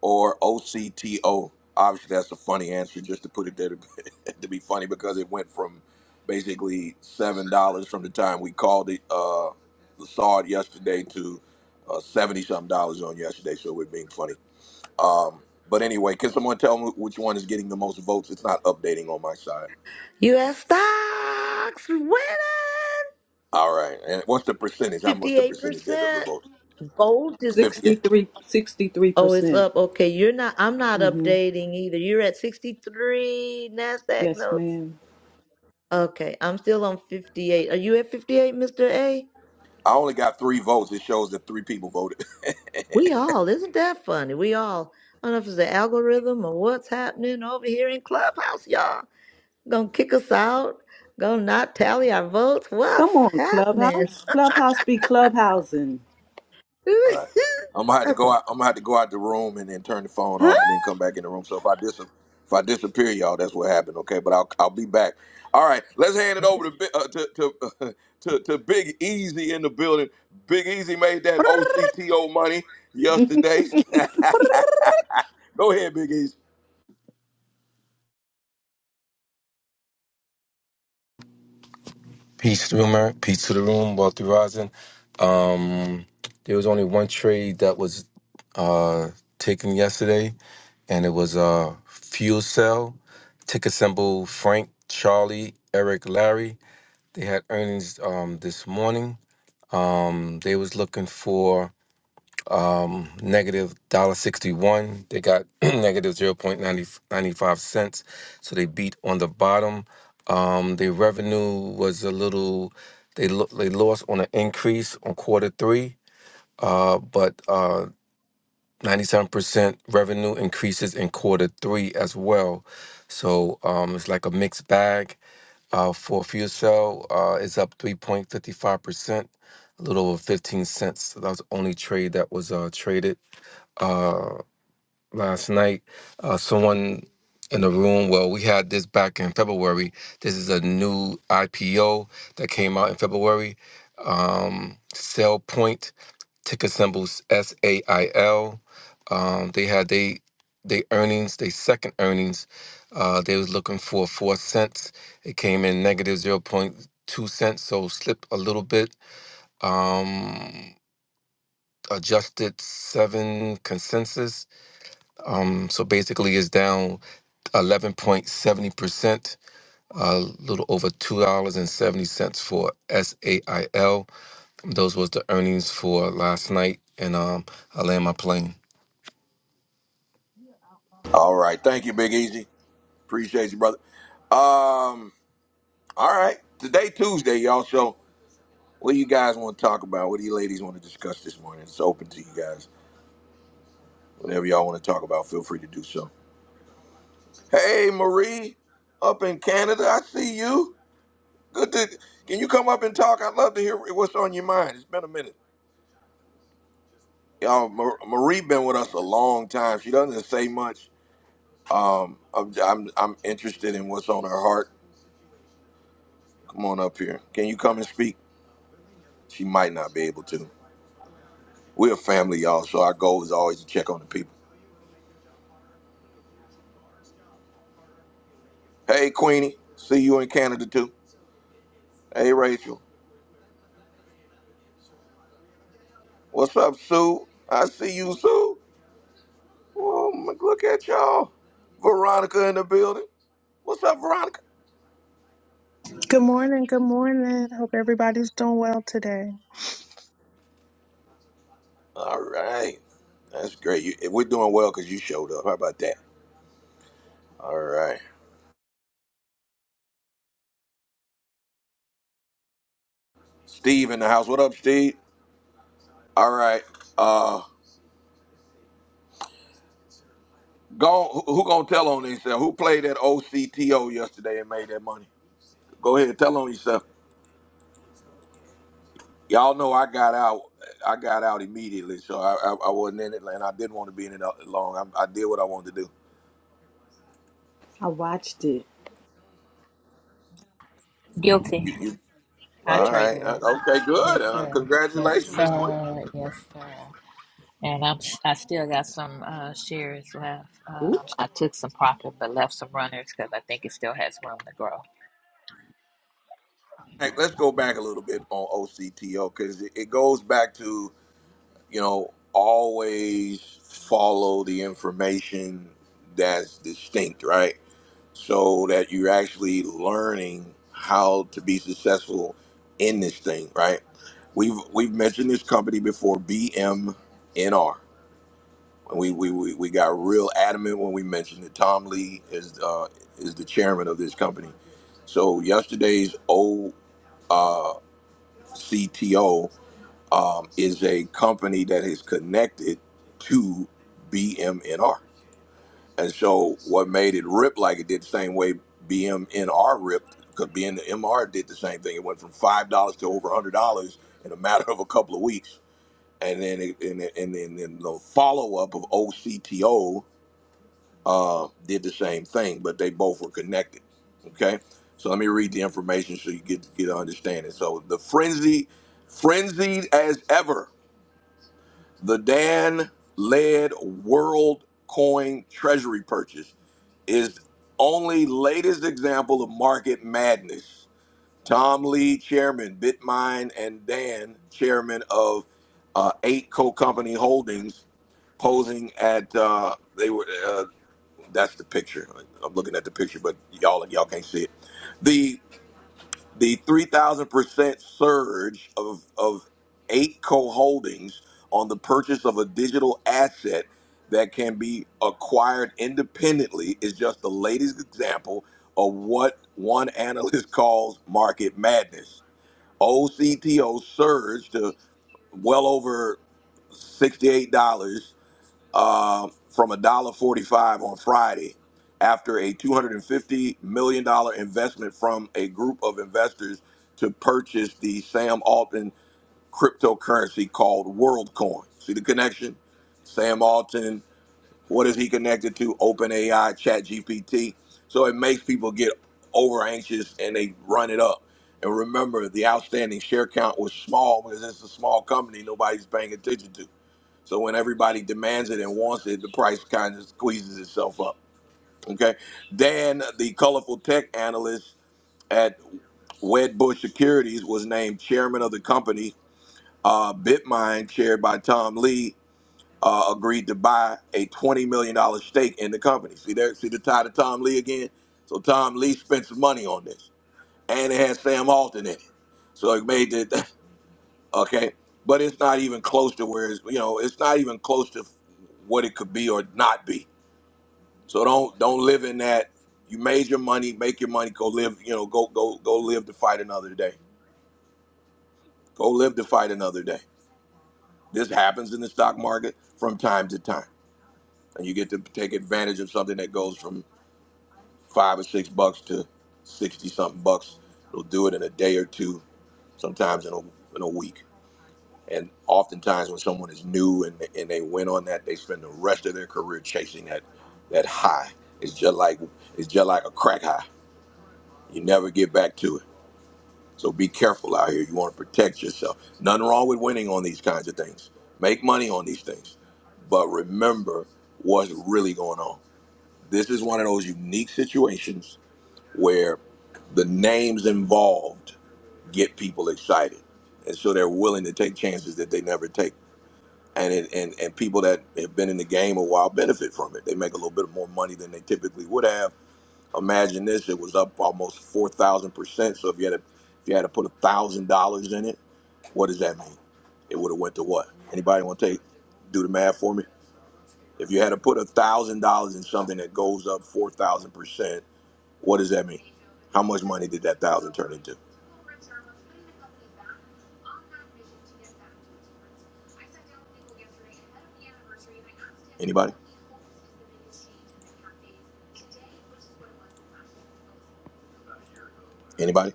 [SPEAKER 1] or OCTO. Obviously, that's a funny answer just to put it there to, to be funny because it went from basically seven dollars from the time we called it, uh, saw it yesterday to uh, seventy something dollars on yesterday. So we're being funny. Um, but anyway, can someone tell me which one is getting the most votes? It's not updating on my side.
[SPEAKER 2] US stocks winning
[SPEAKER 1] All right. And what's the percentage? How much the percentage there of the
[SPEAKER 2] 58%.
[SPEAKER 1] vote?
[SPEAKER 2] Gold is
[SPEAKER 1] Fifty-eight.
[SPEAKER 3] 63, sixty-three
[SPEAKER 2] oh, it's
[SPEAKER 3] percent.
[SPEAKER 2] up. Okay. You're not I'm not
[SPEAKER 3] Mm-hmm.
[SPEAKER 2] updating either. You're at 63 NASDAQ
[SPEAKER 3] Yes,
[SPEAKER 2] notes.
[SPEAKER 3] ma'am.
[SPEAKER 2] Okay. I'm still on 58. Are you at 58, Mr. A?
[SPEAKER 1] I only got three votes. It shows that three people voted.
[SPEAKER 2] We all, isn't that funny? We all. I don't know if it's the algorithm or what's happening over here in Clubhouse, y'all. Gonna kick us out? Gonna not tally our votes?
[SPEAKER 3] Come
[SPEAKER 2] What's
[SPEAKER 3] on,
[SPEAKER 2] happening?
[SPEAKER 3] Clubhouse. Clubhouse be clubhousing.
[SPEAKER 1] Right. I'm gonna have to go
[SPEAKER 2] okay.
[SPEAKER 1] out. I'm gonna have to go out the room and then turn the phone off
[SPEAKER 3] Huh?
[SPEAKER 1] and then come back in the room. So if I dis if I disappear, y'all, that's what happened. Okay, but I'll I'll be back. All right, let's hand it over to Bi- uh, to to, uh, to to Big Easy in the building. Big Easy made that OCTO money yesterday. go ahead, Big Easy.
[SPEAKER 8] Peace, rumor. Peace to the room. Wealthy rising. Um, there was only one trade that was uh, taken yesterday, and it was uh, fuel cell. Ticker symbol Frank, Charlie, Eric, Larry. They had earnings um, this morning. Um, they was looking for um, negative one dollar sixty one. They got negative zero point ninety ninety five cents, so they beat on the bottom. Um, their revenue was a little. They lo- they lost on an increase on quarter three, uh, but ninety seven percent revenue increases in quarter three as well. So um, it's like a mixed bag. Uh, for fuel cell, uh, it's up three point fifty five percent, a little over fifteen cents. So that was the only trade that was uh, traded uh, last night. Uh, someone in the room, well, we had this back in February. This is a new IPO that came out in February. Um, Sell Point, ticker symbols S A I L. Um, they had they they earnings, they second earnings. Uh, they was looking for four cents. It came in negative zero point two cents, so slipped a little bit. Um, adjusted seven consensus um, so basically, it's down 11.70%, a little over $2.70 for SAIL. Those was the earnings for last night, and um, I land my plane.
[SPEAKER 1] All right, thank you, Big Easy. Appreciate you, brother. Um, all right, today Tuesday, y'all. So what do you guys want to talk about? What do you ladies want to discuss this morning? It's open to you guys. Whenever y'all want to talk about, feel free to do so. Hey, Marie, up in Canada, I see you. Good to. Can you come up and talk? I'd love to hear what's on your mind. It's been a minute. Y'all, Mar- Marie been with us a long time. She doesn't say much. Um, I'm, I'm I'm interested in what's on her heart. Come on up here. Can you come and speak? She might not be able to. We're a family, y'all, so our goal is always to check on the people. Hey, Queenie, see you in Canada too. Hey, Rachel, what's up, Sue? I see you, Sue. Oh, look at y'all. Veronica in the building. What's up, Veronica?
[SPEAKER 14] Good morning. Good morning. Hope everybody's doing well today.
[SPEAKER 1] All right. That's great. You, eh, we're doing well because you showed up. How about that? All right. Steve in the house. What up, Steve? All right. Uh, go. Who, who gonna tell on himself? Who played that OCTO yesterday and made that money? Go ahead. and Tell on yourself. Y'all know I got out. I got out immediately, so I, I, I wasn't in it, and I didn't want to be in it uh, long. I, I did what I wanted to do.
[SPEAKER 3] I watched it.
[SPEAKER 9] Guilty.
[SPEAKER 1] You. you
[SPEAKER 9] I
[SPEAKER 1] All right.
[SPEAKER 9] traded
[SPEAKER 1] Uh,
[SPEAKER 9] it.
[SPEAKER 1] Okay,
[SPEAKER 9] Yes,
[SPEAKER 1] good. Uh,
[SPEAKER 9] sir. Yes,
[SPEAKER 1] congratulations, Miss Queen.
[SPEAKER 9] sir. Yes, sir. And I'm I still got some uh, shares left.
[SPEAKER 3] Ooh,
[SPEAKER 9] Um, I
[SPEAKER 3] child.
[SPEAKER 9] took some profit but left some runners because I think it still has room to grow.
[SPEAKER 1] Hey, let's go back a little bit on OCTO because it, it goes back to, you know, always follow the information that's distinct, right? So that you're actually learning how to be successful in this thing, right? We've we've mentioned this company before, BMNR. We, we, we, we got real adamant when we mentioned it. Tom Lee is uh, is the chairman of this company. So yesterday's O uh, CTO um, is a company that is connected to BMNR. And so what made it rip like it did the same way BMNR ripped, because BMNR did the same thing. It went from $5 to over $100 in a matter of a couple of weeks. And then, it, and, then- and then and then the follow up of OCTO uh, did the same thing, but they both were connected. Okay, so let me read the information so you get get an understanding. So the frenzy, frenzied as ever, the Dan led world coin treasury purchase is only latest example of market madness. Tom Lee, chairman Bitmine, and Dan, chairman of uh, Eight Co Company Holdings, posing at uh, they were. uh, that's the picture. I'm looking at the picture, but y'all y'all can't see it. The the three thousand percent surge of of eight co holdings on the purchase of a digital asset that can be acquired independently is just the latest example of what one analyst calls market madness. OCTO surged to well over $68 uh, from one dollar forty-five on Friday after a $250 million dollars investment from a group of investors to purchase the Sam Altman cryptocurrency called WorldCoin. See the connection? Sam Altman, what is he connected to? OpenAI, ChatGPT. So it makes people get over anxious and they run it up. And remember, the outstanding share count was small because it's a small company nobody's paying attention to. So when everybody demands it and wants it, the price kind of squeezes itself up. Okay. Dan, the colorful tech analyst at Wedbush Securities, was named chairman of the company. Uh, Bitmine, chaired by Tom Lee, uh, agreed to buy a twenty million dollar stake in the company. See there, see the tie to Tom Lee again. So Tom Lee spent some money on this, and it had Sam Alton in it. So it made it. okay but it's not even close to where it's you know it's not even close to what it could be or not be so don't don't live in that you made your money make your money go live you know go go go live to fight another day go live to fight another day this happens in the stock market from time to time and you get to take advantage of something that goes from five or six bucks to 60 something bucks it'll do it in a day or two sometimes in a, in a week And oftentimes, when someone is new and and they win on that, they spend the rest of their career chasing that that high. It's just like it's just like a crack high. You never get back to it. So be careful out here. You want to protect yourself. Nothing wrong with winning on these kinds of things. Make money on these things, but remember what's really going on. This is one of those unique situations where the names involved get people excited, and so they're willing to take chances that they never take and it, and and people that have been in the game a while benefit from it. They make a little bit more money than they typically would have. Imagine this: it was up almost four thousand percent. So if you had to, if you had to put a thousand dollars in it, what does that mean? It would have went to what? Anybody want to take do the math for me? If you had to put a thousand dollars in something that goes up four thousand percent, what does that mean? How much money did that thousand turn into? Anybody? Anybody?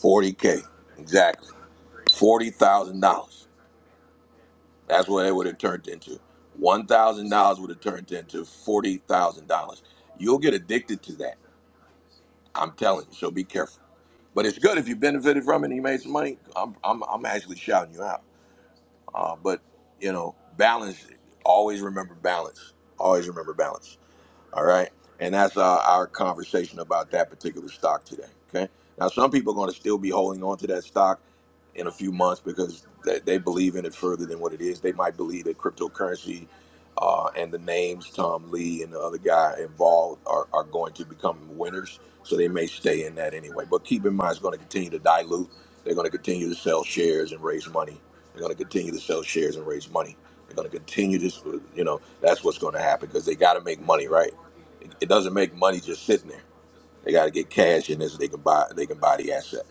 [SPEAKER 1] Forty k. Exactly. Forty thousand dollars. That's what it would have turned into. One thousand dollars would have turned into forty thousand dollars. You'll get addicted to that. I'm telling you. So be careful. But it's good if you benefited from it and you made some money. I'm, I'm, I'm actually shouting you out. Uh, but, you know, balance, always remember balance. Always remember balance. All right. And that's our, our conversation about that particular stock today. Okay. Now, some people are going to still be holding on to that stock in a few months because they, they believe in it further than what it is. They might believe that cryptocurrency uh, and the names Tom Lee and the other guy involved are, are going to become winners. So they may stay in that anyway. But keep in mind, it's going to continue to dilute. They're going to continue to sell shares and raise money. They're going to continue to sell shares and raise money. They're going to continue this. For, you know, that's what's going to happen because they got to make money, right? It, it doesn't make money just sitting there. They got to get cash in this. So They can buy. They can buy the asset.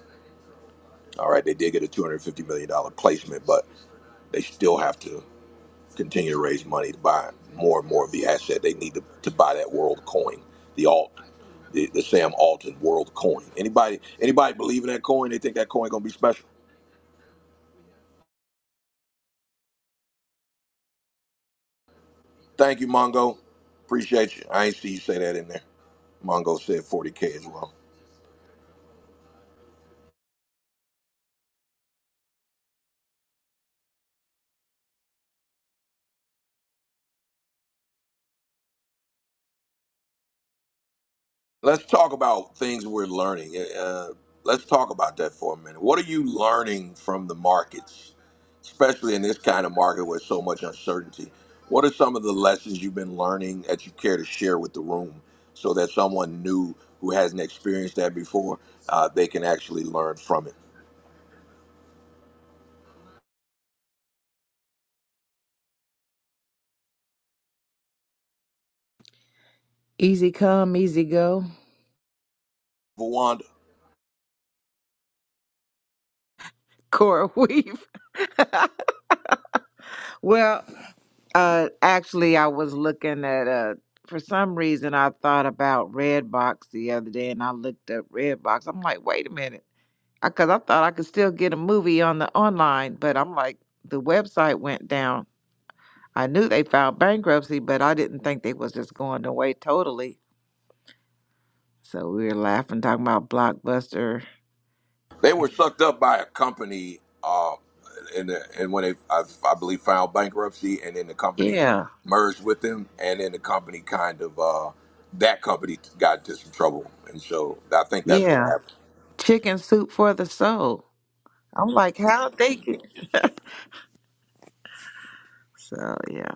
[SPEAKER 1] All right. They did get a two hundred fifty million dollar placement, but they still have to continue to raise money to buy more and more of the asset. They need to, to buy that world coin, the alt, the, the Sam Altman world coin. Anybody anybody believe in that coin? They think that coin gonna be special. Thank you, Mongo. Appreciate you. I ain't see you say that in there. Mongo said 40K as well. let's talk about things we're learning. eh, Uh, let's talk about that for a minute. What are you learning from the markets, especially in this kind of market with so much uncertainty? What are some of the lessons you've been learning that you care to share with the room so that someone new who hasn't experienced that before, uh, they can actually learn from it?
[SPEAKER 13] Easy come, easy go.
[SPEAKER 1] Wanda?
[SPEAKER 13] Cora Weave. well, uh, actually, I was looking at, uh, for some reason, I thought about Redbox the other day and I looked up Redbox. I'm like, wait a minute. Because I, 'cause I thought I could still get a movie on the online, but I'm like, the website went down. I knew they filed bankruptcy, but I didn't think they was just going away totally. So we were laughing, talking about Blockbuster.
[SPEAKER 1] They were sucked up by a company, uh, and and when they, I, I believe, filed bankruptcy, and then the company
[SPEAKER 13] Yeah.
[SPEAKER 1] merged with them, and then the company kind of uh, that company got into some trouble, and so I think that's what
[SPEAKER 13] Yeah.
[SPEAKER 1] happened.
[SPEAKER 13] Chicken soup for the soul. I'm like, how they get so yeah.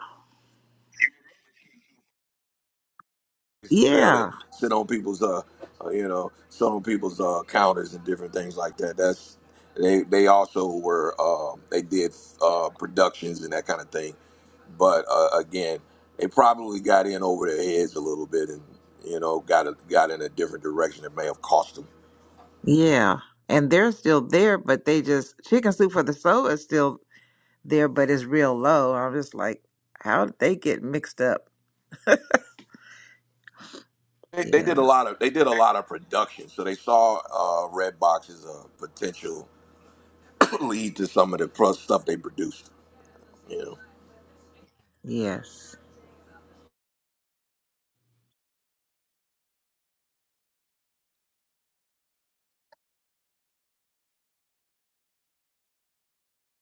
[SPEAKER 1] sell it,
[SPEAKER 13] Yeah.
[SPEAKER 1] sit on people's uh, uh, you know, sit on people's uh counters and different things like that. That's they they also were um they did uh productions and that kind of thing, but uh, again, they probably got in over their heads a little bit and you know got a, got in a different direction that may have cost them.
[SPEAKER 13] Yeah. And they're still there, but they just chicken soup for the soul is still there, but it's real low. I'm just like, how did they get mixed up?
[SPEAKER 1] They, they did a
[SPEAKER 13] Yeah.
[SPEAKER 1] lot of they did a lot of production, so they saw uh Redbox as a potential lead to some of the pro- stuff they produced. You know,
[SPEAKER 13] Yes.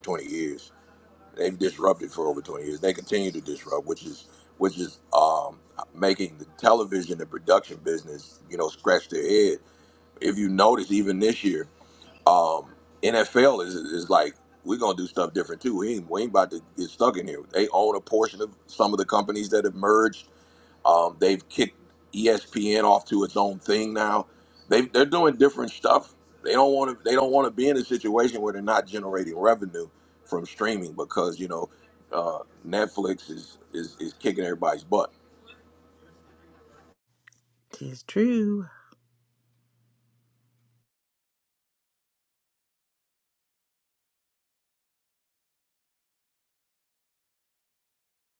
[SPEAKER 1] twenty years. They've disrupted for over 20 years. They continue to disrupt, which is which is um, making the television and production business, you know, scratch their head. If you notice, even this year, um, NFL is, is like we're gonna do stuff different too. We ain't, we ain't about to get stuck in here. They own a portion of some of the companies that have merged um, they've kicked ESPN off to its own thing now. They they're doing different stuff. They don't want to they don't want to be in a situation where they're not generating revenue from streaming because you know uh, Netflix is, is is kicking everybody's butt.
[SPEAKER 13] Tis true.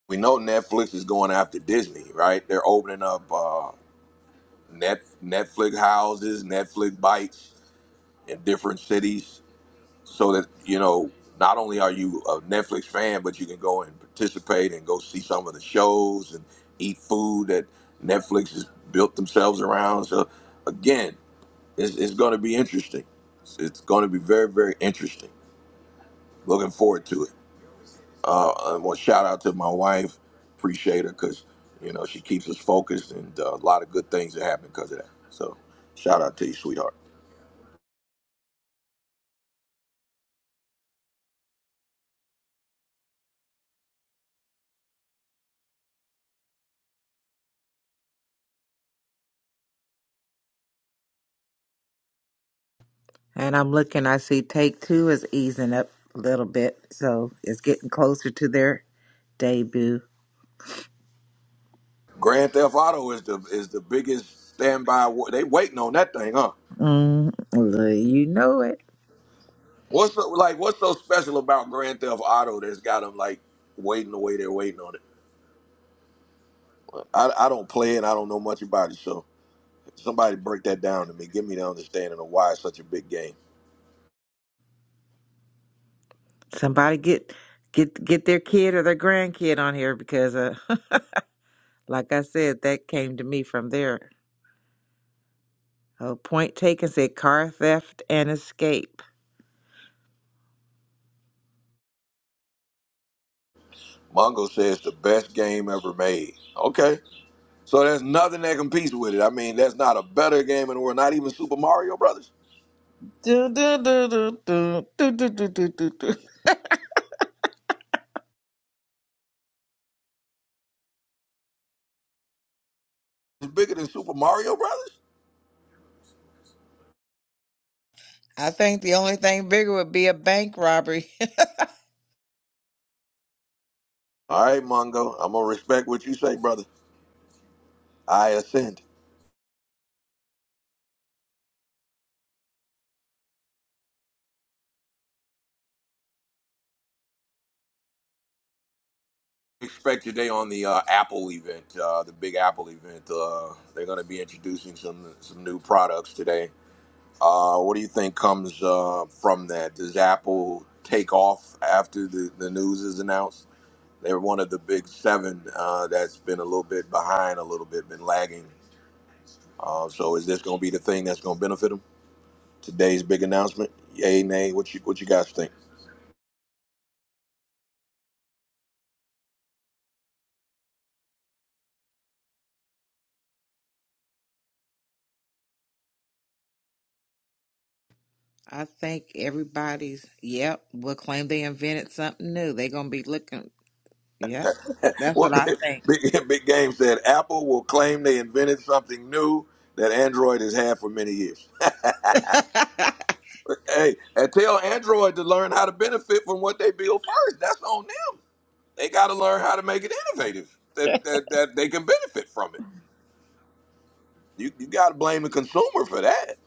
[SPEAKER 1] We know Netflix is going after Disney, right? They're opening up uh, net Netflix houses, Netflix bites in different cities so that you know not only are you a Netflix fan, but you can go and participate and go see some of the shows and eat food that Netflix has built themselves around. So again, it's, it's going to be interesting. It's, it's going to be very very interesting. Looking forward to it. Uh, I want to shout out to my wife. Appreciate her because you know she keeps us focused and uh, a lot of good things that happen because of that. So shout out to you, sweetheart.
[SPEAKER 13] And I'm looking, I see take two is easing up a little bit. So it's getting closer to their debut.
[SPEAKER 1] Grand Theft Auto is the is the biggest standby. wa- They waiting on that thing, huh?
[SPEAKER 13] Mm, well, you know it.
[SPEAKER 1] What's so, like? What's so special about Grand Theft Auto that's got them like waiting the way they're waiting on it? I, I don't play it. I don't know much about it. So somebody break that down to me. Give me the understanding of why it's such a big game.
[SPEAKER 13] Somebody get get get their kid or their grandkid on here because, uh, like I said, that came to me from there. Oh, point taken said car theft and escape.
[SPEAKER 1] Mongo says the best game ever made. Okay, so there's nothing that competes with it. I mean, that's not a better game in the world. Not even Super Mario Brothers.
[SPEAKER 13] Dun, dun, dun, dun, dun, dun, dun, dun, dun, dun, dun.
[SPEAKER 1] It's bigger than Super Mario Brothers.
[SPEAKER 13] I think the only thing bigger would be a bank robbery.
[SPEAKER 1] All right, Mongo. I'm gonna respect what you say, brother. I ascend. expect today on the uh, Apple event, uh, the Big Apple event. Uh, they're going to be introducing some some new products today. Uh, what do you think comes uh, from that? Does Apple take off after the, the news is announced? They're one of the big seven uh, that's been a little bit behind, a little bit been lagging. Uh, so is this going to be the thing that's going to benefit them? Today's big announcement. Yay, nay. What you what you guys think?
[SPEAKER 13] I think everybody's, yep, will claim they invented something new. They're going to be looking, yep. That's what
[SPEAKER 1] What
[SPEAKER 13] I
[SPEAKER 1] big, big, yeah, big Game said Apple will claim they invented something new that Android has had for many years.
[SPEAKER 13] think.
[SPEAKER 1] hey, and tell Android to learn how to benefit from what they build first. That's on them. They got to learn how to make it innovative that, that, that they can benefit from it. You, you got to blame the consumer for that.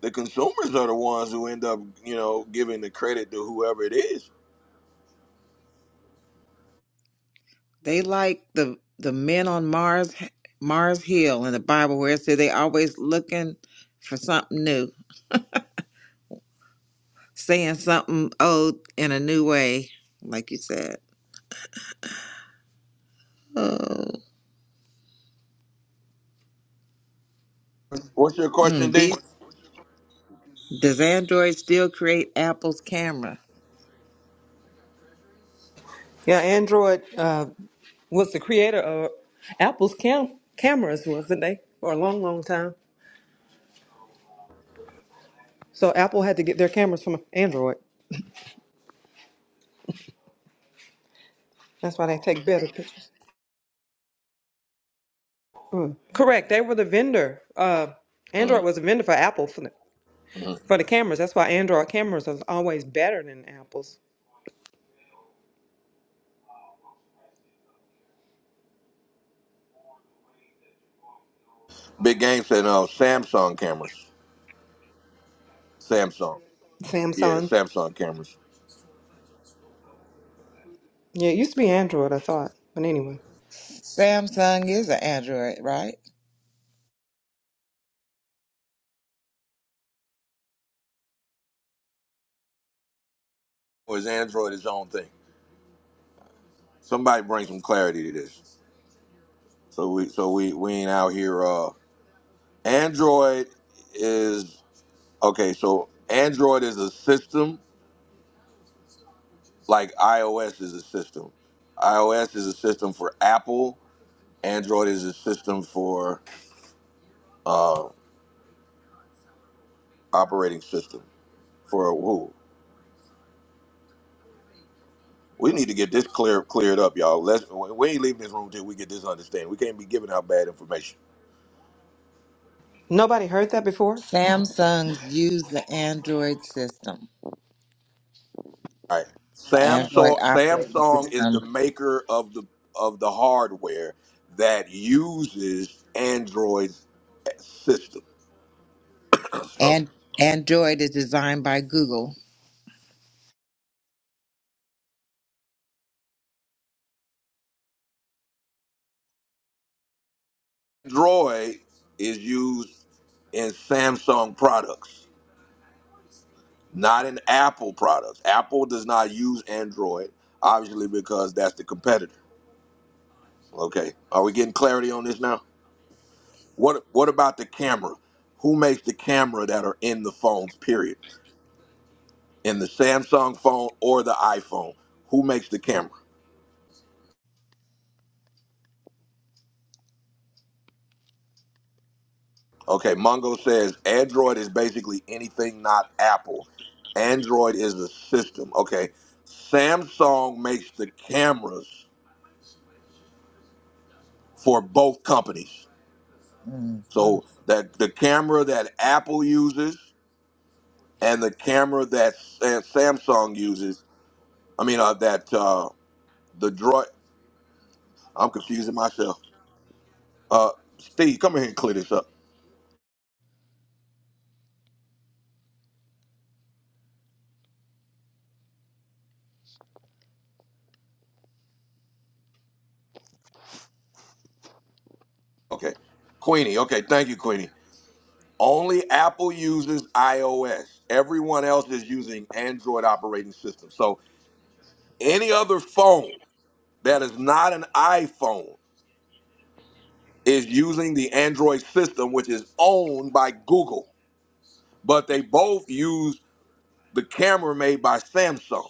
[SPEAKER 1] The consumers are the ones who end up, you know, giving the credit to whoever it is.
[SPEAKER 13] They like the the men on Mars Mars Hill in the Bible where it said they always looking for something new, saying something old in a new way, like you said. Oh,
[SPEAKER 1] What's your question,
[SPEAKER 13] mm, these,
[SPEAKER 1] D?
[SPEAKER 13] does Android still create Apple's camera?
[SPEAKER 12] Yeah, Android uh, was the creator of Apple's cam- cameras, wasn't they? For a long, long time. So Apple had to get their cameras from Android. That's why they take better pictures. Correct. They were the vendor. Uh, Android
[SPEAKER 1] Mm-hmm.
[SPEAKER 12] was a vendor for Apple for the, for the cameras. That's why Android cameras are always better than Apple's.
[SPEAKER 1] Big Game said, no, Samsung cameras. Samsung. Yeah,
[SPEAKER 12] Samsung.
[SPEAKER 1] Samsung cameras.
[SPEAKER 12] Yeah, it used to be Android, I thought. But anyway,
[SPEAKER 13] Samsung is an Android, right?
[SPEAKER 1] or is Android its own thing? Somebody bring some clarity to this. So we so we we ain't out here. Uh, Android is okay. So Android is a system like iOS is a system. iOS is a system for Apple. Android is a system for uh, operating system for who. We need to get this clear cleared up, y'all. Let's we we ain't leaving this room till we get this understanding. We can't be giving out bad information.
[SPEAKER 12] nobody heard that before.
[SPEAKER 13] Samsung's use the Android system,
[SPEAKER 1] All right.
[SPEAKER 13] the Android
[SPEAKER 1] Samsung
[SPEAKER 13] operating
[SPEAKER 1] Samsung is the
[SPEAKER 13] system,
[SPEAKER 1] maker of the of the hardware that uses Android's system. So
[SPEAKER 13] and Android is designed by Google.
[SPEAKER 1] Android is used in Samsung products, not in Apple products. Apple does not use Android, obviously because that's the competitor. Okay. Are we getting clarity on this now? What what about the camera? Who makes the camera that are in the phones, period? in the Samsung phone or the iPhone. Who makes the camera? Okay, Mongo says Android is basically anything not Apple. Android is the system. Okay, Samsung makes the cameras for both companies.
[SPEAKER 13] Mhm.
[SPEAKER 1] So that the camera that Apple uses and the camera that Sa- Samsung uses. I mean uh, that uh, the droid. I'm confusing myself. Uh, Steve, come in here and clear this up. Okay, Queenie. Okay, thank you, Queenie. Only Apple uses iOS. Everyone else is using Android operating system. So any other phone that is not an iPhone is using the Android system, which is owned by Google. But they both use the camera made by Samsung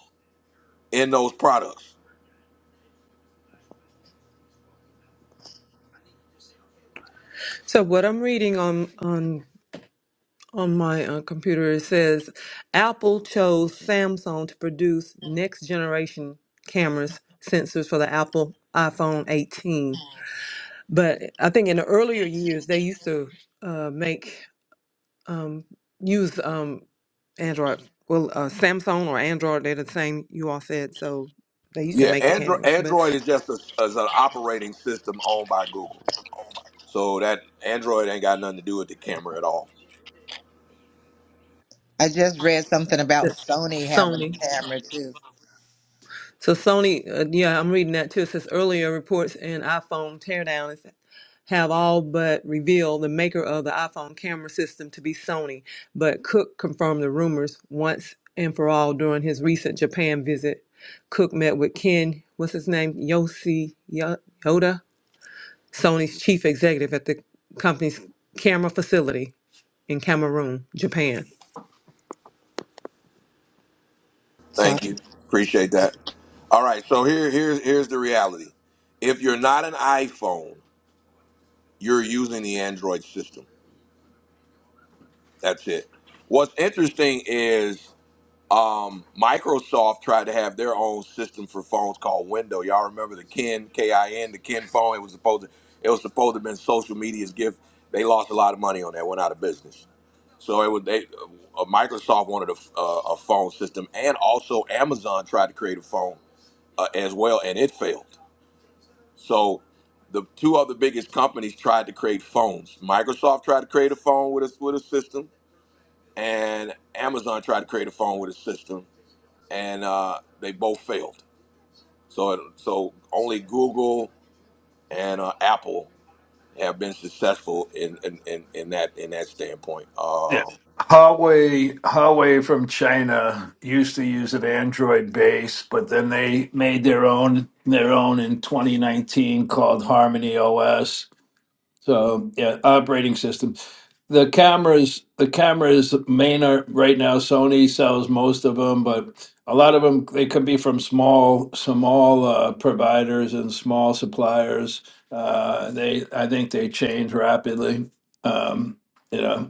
[SPEAKER 1] in those products.
[SPEAKER 12] So what I'm reading on on on my uh, computer it says apple chose samsung to produce next generation cameras sensors for the apple iphone 18 but i think in the earlier years they used to uh, make um, use um, android well uh, samsung or android they're the same you all said so they used to
[SPEAKER 1] Yeah,
[SPEAKER 12] make the
[SPEAKER 1] Android
[SPEAKER 12] cameras but
[SPEAKER 1] Android is just a, as an operating system owned by Google. So that Android ain't got nothing to do with the camera at all.
[SPEAKER 13] I just read something about
[SPEAKER 12] the
[SPEAKER 13] Sony having
[SPEAKER 12] sony
[SPEAKER 13] a camera too.
[SPEAKER 12] So Sony, uh, yeah, I'm reading that too. It says earlier reports in iPhone teardown is have all but revealed the maker of the iPhone camera system to be Sony, but Cook confirmed the rumors once and for all during his recent Japan visit. Cook met with Ken, what's his name, Yoshi Yo- Yoda, Sony's chief executive at the company's camera facility in Cameroon, Japan. So I-
[SPEAKER 1] Thank you. Appreciate that. All right, so here here's here's the reality. If you're not an iPhone, you're using the Android system. That's it. What's interesting is um, Microsoft tried to have their own system for phones called Window. Y'all remember the Kin, K I N, the Kin phone? It was supposed to it was supposed to have been social media's gift. They lost a lot of money on that. Went out of business. So it would they uh, Microsoft wanted a, uh, a phone system, and also Amazon tried to create a phone. uh, as well, and it failed. So the two other biggest companies tried to create phones. Microsoft tried to create a phone with a with a system, and Amazon tried to create a phone with a system, and uh, they both failed. So it, so only Google and uh, Apple have been successful in in, in, in that in that standpoint.
[SPEAKER 15] Yeah.
[SPEAKER 1] Uh,
[SPEAKER 15] Huawei, Huawei from China used to use an Android base, but then they made their own their own in 2019 called Harmony OS. So yeah, operating system. The cameras, the cameras main are right now. Sony sells most of them, but a lot of them they could be from small small uh, providers and small suppliers. Uh, they I think they change rapidly. Um, you know.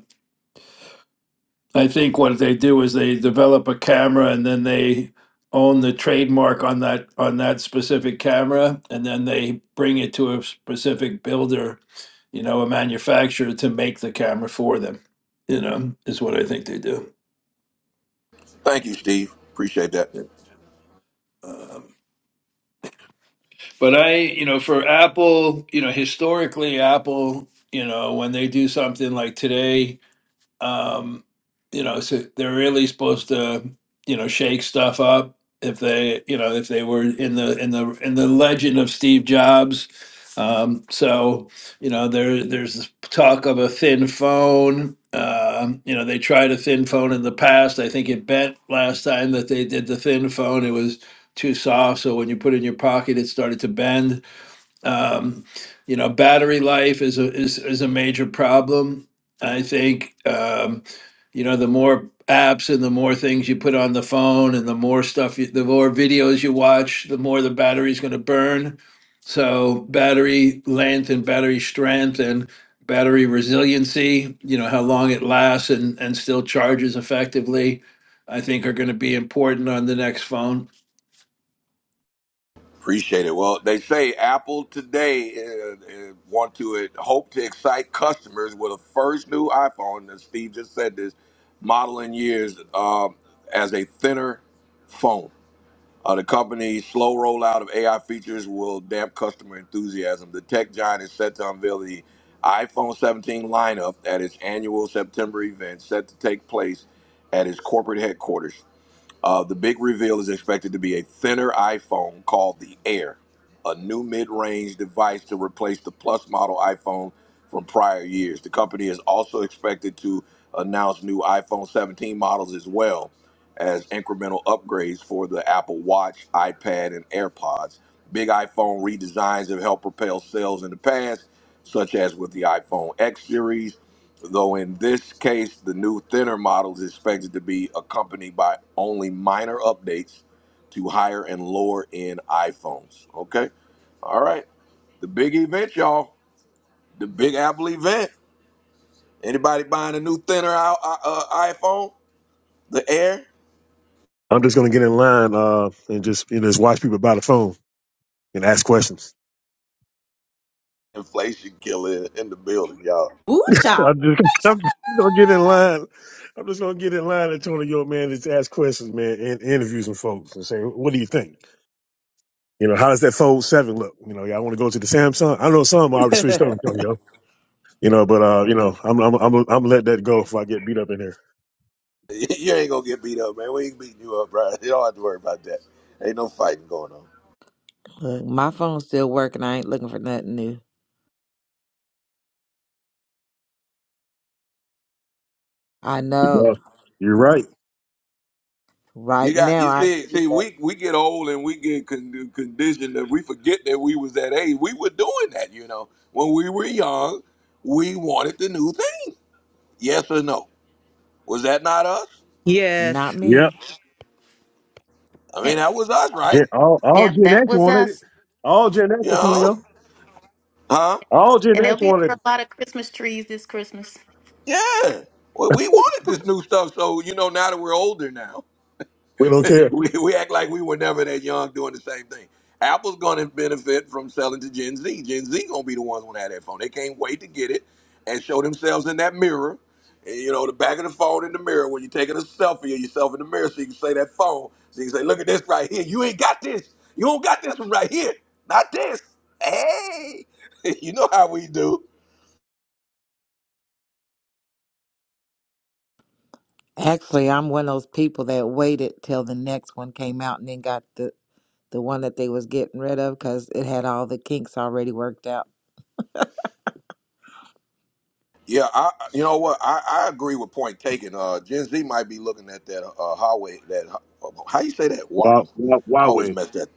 [SPEAKER 15] I think what they do is they develop a camera and then they own the trademark on that on that specific camera and then they bring it to a specific builder, you know, a manufacturer to make the camera for them. You know, is what I think they do.
[SPEAKER 1] thank you, Steve. Appreciate that.
[SPEAKER 15] Um, but I, you know, for Apple, you know, historically Apple, you know, when they do something like today, um, you know, so they're really supposed to, you know, shake stuff up if they, you know, if they were in the in the in the legend of Steve Jobs. Um, so, you know, there there's talk of a thin phone. Um, you know, they tried a thin phone in the past. I think it bent last time that they did the thin phone. It was too soft, so when you put it in your pocket, it started to bend. Um, you know, battery life is a is is a major problem. I think um, you know the more apps and the more things you put on the phone and the more stuff you, the more videos you watch, the more the battery's going to burn. So battery length and battery strength and battery resiliency, you know, how long it lasts and and still charges effectively, I think are going to be important on the next phone.
[SPEAKER 1] Appreciate it. Well, they say Apple today uh, uh, want to uh, hope to excite customers with a first new iPhone. And Steve just said this model in years um, as a thinner phone. Uh, the company's slow rollout of AI features will damp customer enthusiasm. The tech giant is set to unveil the iPhone 17 lineup at its annual September event, set to take place at its corporate headquarters. Uh, the big reveal is expected to be a thinner iPhone called the Air, a new mid range device to replace the Plus model iPhone from prior years. The company is also expected to announce new iPhone 17 models as well as incremental upgrades for the Apple Watch, iPad, and AirPods. Big iPhone redesigns have helped propel sales in the past, such as with the iPhone X series. Though in this case, the new thinner model is expected to be accompanied by only minor updates to higher and lower end iPhones. Okay. All right. The big event, y'all. The Big Apple event. Anybody buying a new thinner i- uh, iPhone? The Air?
[SPEAKER 16] I'm just gonna get in line uh, and just you know, just watch people by the phone and ask questions.
[SPEAKER 1] Inflation killer in the building, y'all.
[SPEAKER 3] Ooh, child.
[SPEAKER 16] I'm just, I'm just gonna get in line. I'm just gonna get in line, Antonio, man, and just ask questions, man, and interview some folks and say, what do you think? You know, how does that Fold Seven look? You know, y'all want to go to the Samsung? I know some already switched over, Antonio. You know, but uh, you know, I'm I'm I'm I'm gonna let that go if I get beat up in here.
[SPEAKER 1] You ain't gonna get beat up, man. We ain't beating you up, bro. You don't have to worry about that. Ain't no fighting going on.
[SPEAKER 13] Look, my phone's still working. I ain't looking for nothing new. I
[SPEAKER 16] Yeah,
[SPEAKER 13] know.
[SPEAKER 16] You're right.
[SPEAKER 1] You
[SPEAKER 13] Right
[SPEAKER 1] got
[SPEAKER 13] now,
[SPEAKER 1] you
[SPEAKER 13] I
[SPEAKER 1] see
[SPEAKER 13] knew
[SPEAKER 1] see
[SPEAKER 13] that.
[SPEAKER 1] we we get old and we get con- conditioned that we forget that we was that age. We were doing that, you know. When we were young, we wanted the new thing. Yes or no? Was that not us?
[SPEAKER 12] Yes,
[SPEAKER 13] Not
[SPEAKER 16] Yep.
[SPEAKER 13] me.
[SPEAKER 1] I mean,
[SPEAKER 6] Yep,
[SPEAKER 1] that was us, right?
[SPEAKER 16] Gen, all all
[SPEAKER 6] yep,
[SPEAKER 16] Gen
[SPEAKER 6] that
[SPEAKER 16] X
[SPEAKER 6] was
[SPEAKER 16] wanted it.
[SPEAKER 6] us.
[SPEAKER 16] All Gen X,
[SPEAKER 1] You know?
[SPEAKER 16] Antonio.
[SPEAKER 1] Huh?
[SPEAKER 16] All Gen
[SPEAKER 6] And there'll
[SPEAKER 16] X
[SPEAKER 6] be a
[SPEAKER 16] wanted it.
[SPEAKER 6] lot of Christmas trees this Christmas.
[SPEAKER 1] Yeah. Well, we wanted this new stuff, so you know now that we're older now.
[SPEAKER 16] We don't care.
[SPEAKER 1] we, we act like we were never that young doing the same thing. Apple's going to benefit from selling to Gen Z. Gen Z going to be the ones who have that phone. They can't wait to get it and show themselves in that mirror. And, you know, the back of the phone in the mirror when you're taking a selfie of yourself in the mirror so you can say that phone. So you can say, look at this right here. You ain't got this. You don't got this one right here. Not this. Hey, you know how we do.
[SPEAKER 13] Actually, I'm one of those people that waited till the next one came out and then got the the one that they was getting rid of because it had all the kinks already worked out.
[SPEAKER 1] Yeah, I you know what I, I agree with point taken. Uh, Gen Z might be looking at that uh, Huawei that uh, how you say that? Wa- I
[SPEAKER 16] Wow, wow, Huawei.
[SPEAKER 1] always mess that.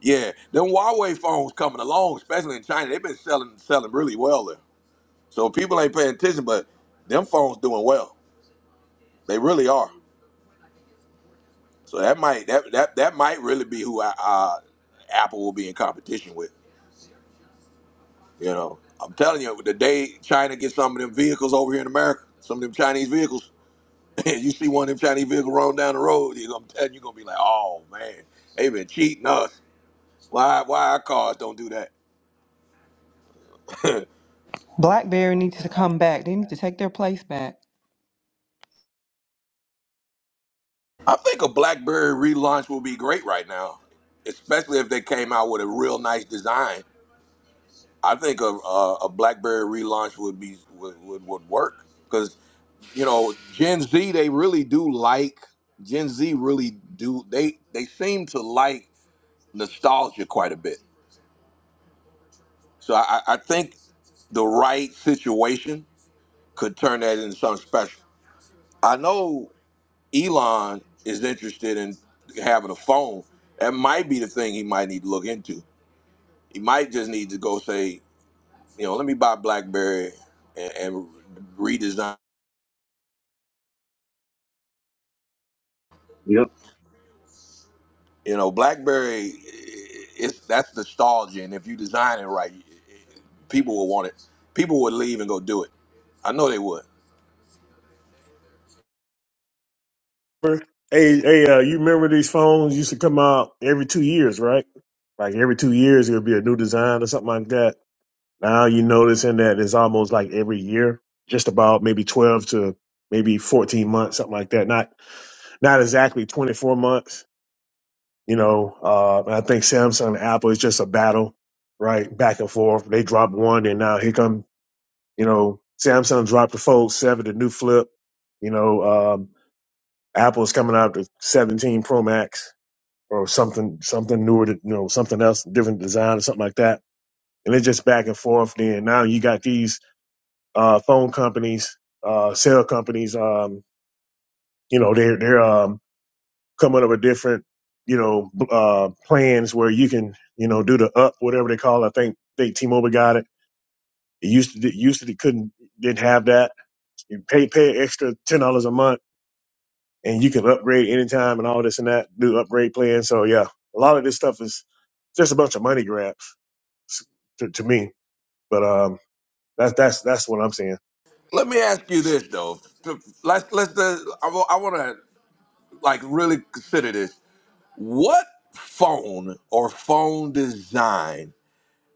[SPEAKER 1] Yeah, them Huawei phones coming along, especially in China, they've been selling selling really well there. So people ain't paying attention, but them phones doing well. They really are. So that might that that, that might really be who I, uh, Apple will be in competition with. You know, I'm telling you, the day China gets some of them vehicles over here in America, some of them Chinese vehicles. Man, you see one of them Chinese vehicles rolling down the road, you're gonna tell you're gonna be like, oh man, they been cheating us. Why why our cars don't do that?
[SPEAKER 12] BlackBerry needs to come back. They need to take their place back.
[SPEAKER 1] I think a BlackBerry relaunch will be great right now, especially if they came out with a real nice design. I think a a, a BlackBerry relaunch would be would would, would work because you know Gen Z they really do like Gen Z really do they they seem to like nostalgia quite a bit. So I, I I think the right situation. could turn that into something special. I know Elon is interested in having a phone. That might be the thing he might need to look into. He might just need to go say, you know, let me buy BlackBerry and, and redesign.
[SPEAKER 16] Yep.
[SPEAKER 1] You know, BlackBerry, it's that's nostalgia, and if you design it right, people will want it. People would leave and go do it. I know they would.
[SPEAKER 16] Hey, hey, uh, you remember these phones used to come out every two years, right? Like every two years, it would be a new design or something like that. Now you noticing that it's almost like every year, just about maybe twelve to maybe fourteen months, something like that. Not not exactly twenty four months. You know, uh, and I think Samsung and Apple is just a battle, right, back and forth. They dropped one, and now here come you know Samsung dropped the Fold Seven, the new flip. You know, um, Apple is coming out with 17 Pro Max or something, something newer, to, you know, something else, different design or something like that. And it's just back and forth. Then now you got these uh, phone companies, uh, cell companies. Um, you know, they're they're um, coming up with different, you know, b- uh, plans where you can, you know, do the up whatever they call. It. I think they T-Mobile got it. It used to it used to they couldn't didn't have that. You pay pay an extra ten dollars a month and you can upgrade anytime and all this and that, do upgrade plans. So yeah, a lot of this stuff is just a bunch of money grabs s- to, to me. But um, that's that's that's what I'm saying.
[SPEAKER 1] Let me ask you this though. Let's let's. uh, I want to like really consider this. What phone or phone design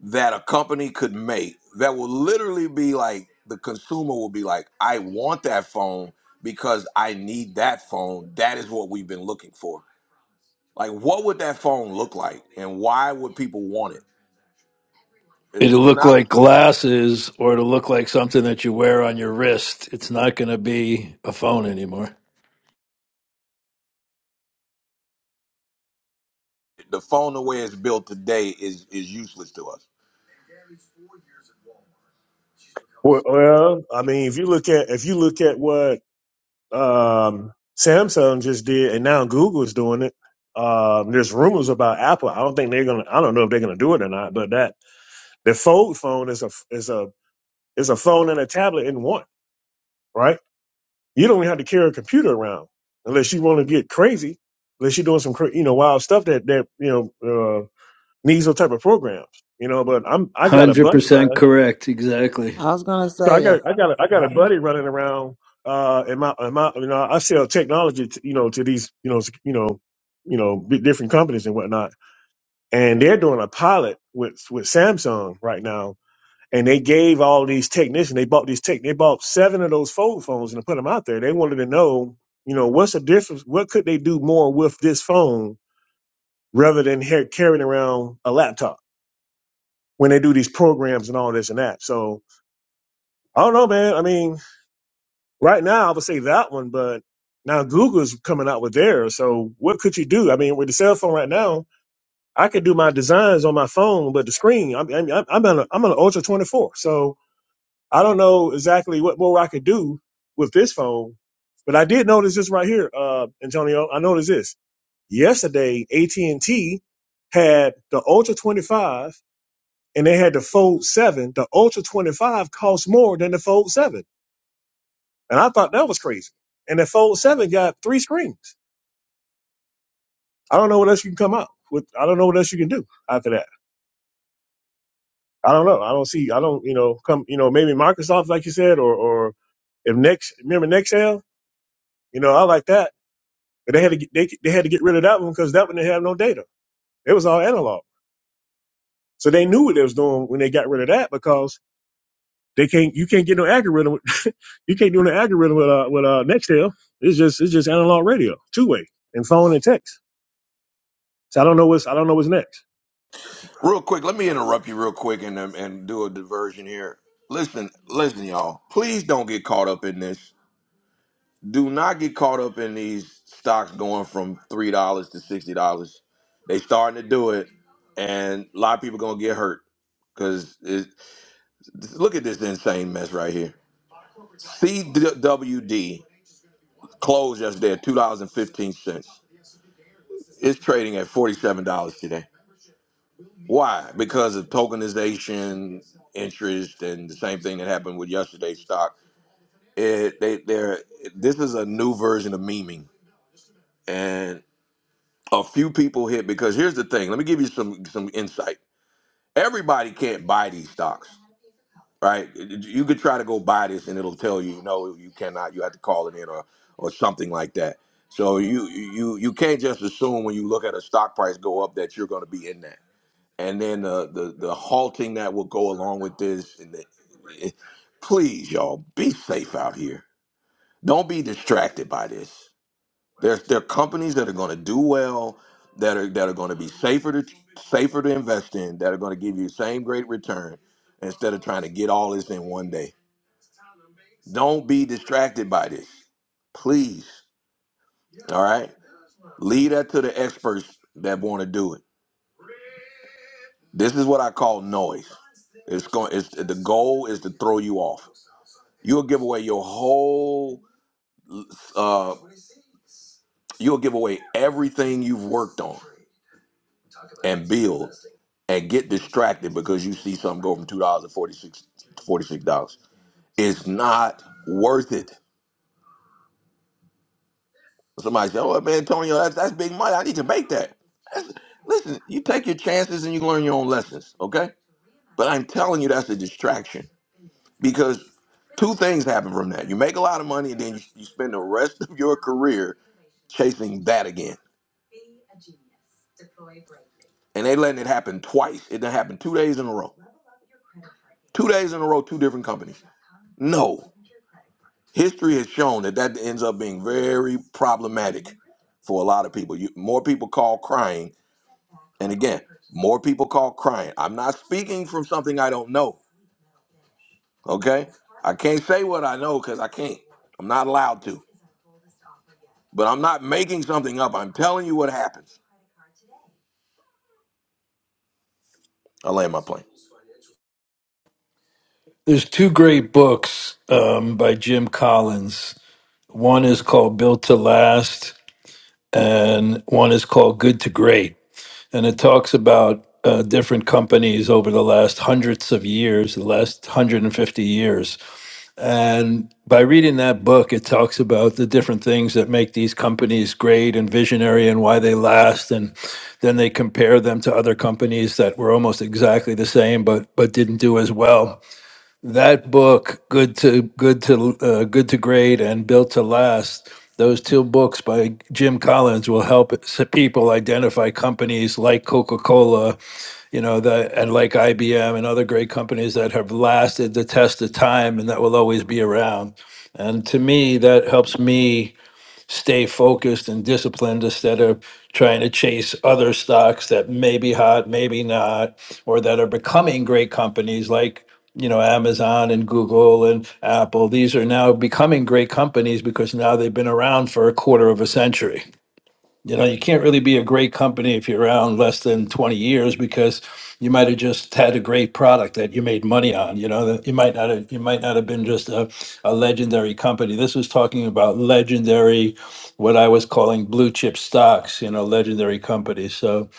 [SPEAKER 1] that a company could make that will literally be like the consumer will be like, I want that phone because I need that phone. That is what we've been looking for. Like, what would that phone look like and why would people want it?
[SPEAKER 15] It'll
[SPEAKER 1] It's
[SPEAKER 15] look
[SPEAKER 1] not
[SPEAKER 15] like glasses or it'll look like something that you wear on your wrist. It's not going to be a phone anymore.
[SPEAKER 1] the phone the way it's built today is is useless to us.
[SPEAKER 16] Well, well, I mean, if you look at if you look at what um, Samsung just did, and now Google's doing it. Um, there's rumors about Apple. I don't think they're gonna. I don't know if they're gonna do it or not. But that the fold phone is a is a is a phone and a tablet in one, right? You don't even have to carry a computer around unless you want to get crazy, unless you're doing some cra- you know wild stuff that that you know uh, needs those type of programs. You know, but I'm I got a buddy of
[SPEAKER 15] 100%
[SPEAKER 16] mine,
[SPEAKER 15] correct. Exactly.
[SPEAKER 13] I was gonna
[SPEAKER 16] so I
[SPEAKER 13] say uh,
[SPEAKER 16] got I got a, I got a buddy running around. Uh, in my in my you know I sell technology to, you know to these you know you know you know bi- different companies and whatnot, and they're doing a pilot with with Samsung right now and they gave all these technicians. They bought these tech. They bought seven of those fold phones and put them out there. They wanted to know, you know, what's the difference? What could they do more with this phone rather than ha- carrying around a laptop when they do these programs and all this and that? So I don't know, man. I mean, right now I would say that one, but now Google's coming out with theirs. So what could you do? I mean, with the cell phone right now, I could do my designs on my phone, but the screen. I'm I'm, I'm on a, I'm on an Ultra 24, so I don't know exactly what more I could do with this phone, but I did notice this right here, uh, Antonio. I noticed this yesterday. AT and T had the Ultra 25, and they had the Fold 7. The Ultra 25 cost more than the Fold 7, and I thought that was crazy. And the Fold 7 got three screens. I don't know what else you can come out with. I don't know what else you can do after that. I don't know. I don't see. I don't. You know, come. You know, maybe Microsoft, like you said, or or if next. Remember Nextel. You know, I like that But they had to get, they, they had to get rid of that one because that one they have no data. It was all analog. So they knew what they was doing when they got rid of that because they can't you can't get no algorithm you can't do an algorithm with uh with uh Nextel. It's just it's just analog radio, two way, and phone and text. So I don't know what's I don't know what's next.
[SPEAKER 1] Real quick, let me interrupt you real quick and um, and do a diversion here. Listen, listen, y'all. Please don't get caught up in this. do not get caught up in these stocks going from three dollars to sixty dollars. They starting to do it, and a lot of people gonna get hurt because look at this insane mess right here. CWD closed yesterday at two dollars and fifteen cents. It's trading at forty seven dollars today. Why? Because of tokenization, interest, and the same thing that happened with yesterday's stock. It, they, they're, this is a new version of memeing, and a few people hit because here's the thing. Let me give you some some insight. Everybody can't buy these stocks, right? You could try to go buy this and it'll tell you no, you cannot. You have to call it in or or something like that. So you you you can't just assume when you look at a stock price go up that you're going to be in that. And then the the the halting that will go along with this. And the, it, please, y'all, be safe out here. Don't be distracted by this. There's there are companies that are going to do well, that are that are going to be safer to safer to invest in, that are going to give you the same great return instead of trying to get all this in one day. Don't be distracted by this, please. All right, leave that to the experts that want to do it. This is what I call noise. It's going. It's the goal is to throw you off. You'll give away your whole. Uh, you'll give away everything you've worked on and build and get distracted because you see something go from two dollars to forty six to forty six dollars. It's not worth it. Somebody say, "Oh man, Antonio, that's that's big money. I need to make that." That's- listen, you take your chances and you learn your own lessons, okay? But I'm telling you, that's a distraction because two things happen from that. You make a lot of money, and then you, you spend the rest of your career chasing that again. And they letting it happen twice. It done happened two days in a row. Two days in a row, two different companies. No. history has shown that that ends up being very problematic for a lot of people. You, more people call crying, and again, more people call crying. I'm not speaking from something I don't know. Okay, I can't say what I know because I can't. I'm not allowed to. But I'm not making something up. I'm telling you what happens. I land my plane.
[SPEAKER 15] There's two great books um, by Jim Collins. One is called Built to Last, and one is called Good to Great. And it talks about uh, different companies over the last hundreds of years, the last 150 years And by reading that book, it talks about the different things that make these companies great and visionary and why they last. And then they compare them to other companies that were almost exactly the same but but didn't do as well. That book, Good to Good to uh, Good to Great and Built to Last, those two books by Jim Collins will help s- people identify companies like Coca-Cola, you know, that and like IBM and other great companies that have lasted the test of time and that will always be around. And to me, that helps me stay focused and disciplined instead of trying to chase other stocks that may be hot, maybe not, or that are becoming great companies like you know Amazon and Google and Apple. These are now becoming great companies because now they've been around for a quarter of a century. You know, you can't really be a great company if you're around less than 20 years because you might have just had a great product that you made money on. You know, that you might not have, you might not have been just a, a legendary company. This was talking about legendary, what I was calling blue chip stocks, you know, legendary companies. So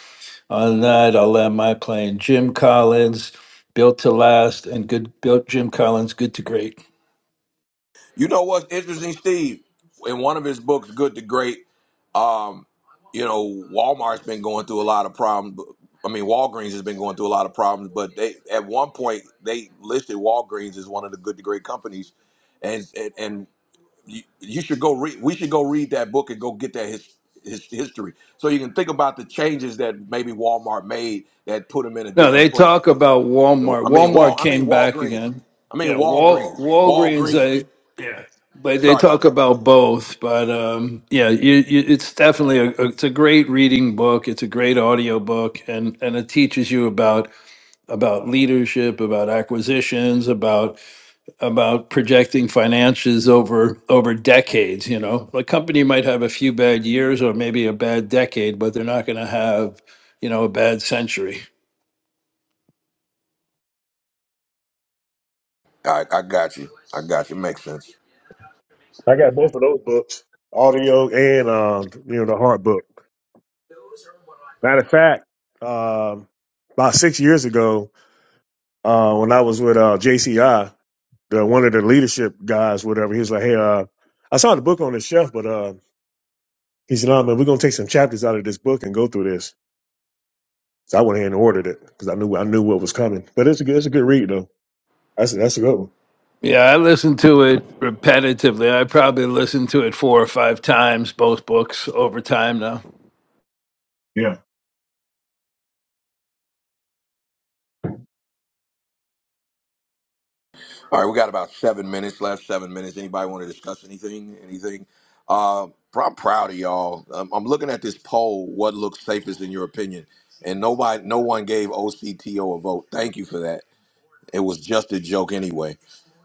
[SPEAKER 15] on that, I'll land my plane. Jim Collins, built to last, and good built Jim Collins, good to great.
[SPEAKER 1] You know what's interesting, Steve? In one of his books, Good to Great, um, you know, Walmart's been going through a lot of problems. but- I mean, Walgreens has been going through a lot of problems, but they at one point they listed Walgreens as one of the Good to Great companies, and and, and you, you should go read. We should go read that book and go get that his, his history, so you can think about the changes that maybe Walmart made that put them in a
[SPEAKER 15] No, they
[SPEAKER 1] different place.
[SPEAKER 15] talk about Walmart.
[SPEAKER 1] I mean, Wal.
[SPEAKER 15] Walmart
[SPEAKER 1] I mean
[SPEAKER 15] came back
[SPEAKER 1] Walgreens.
[SPEAKER 15] again.
[SPEAKER 1] I mean
[SPEAKER 15] Yeah, Wal
[SPEAKER 1] Walgreens.
[SPEAKER 15] Walgreens.
[SPEAKER 1] Walgreens.
[SPEAKER 15] They yeah, but they
[SPEAKER 1] Sorry about
[SPEAKER 15] talk
[SPEAKER 1] that.
[SPEAKER 15] about both. But um, yeah, you, you, it's definitely a, a- it's a great reading book. It's a great audio book, and and it teaches you about about leadership, about acquisitions, about about projecting financials over over decades. You know, a company might have a few bad years or maybe a bad decade, but they're not going to have you know a bad century.
[SPEAKER 1] All right, I got you. I got you. Makes sense.
[SPEAKER 16] I got both of those books, audio and um you know the hard book. Matter of fact, um about six years ago, uh, when I was with uh, JCI. the one of the leadership guys, whatever, he was like, Hey, uh, I saw the book on the shelf, but uh he said, No, man, we're gonna take some chapters out of this book and go through this. So I went ahead and ordered it because I knew I knew what was coming. But it's a good it's a good read though. That's a, that's a good one.
[SPEAKER 15] Yeah, I listened to it repetitively. I probably listened to it four or five times, both books over time now.
[SPEAKER 16] Yeah.
[SPEAKER 1] All right, we got about seven minutes left. Seven minutes. Anybody want to discuss anything? Anything? Uh, pr- I'm proud of y'all. Um, I'm looking at this poll. What looks safest in your opinion? And nobody, no one gave OCTO a vote. Thank you for that. It was just a joke anyway.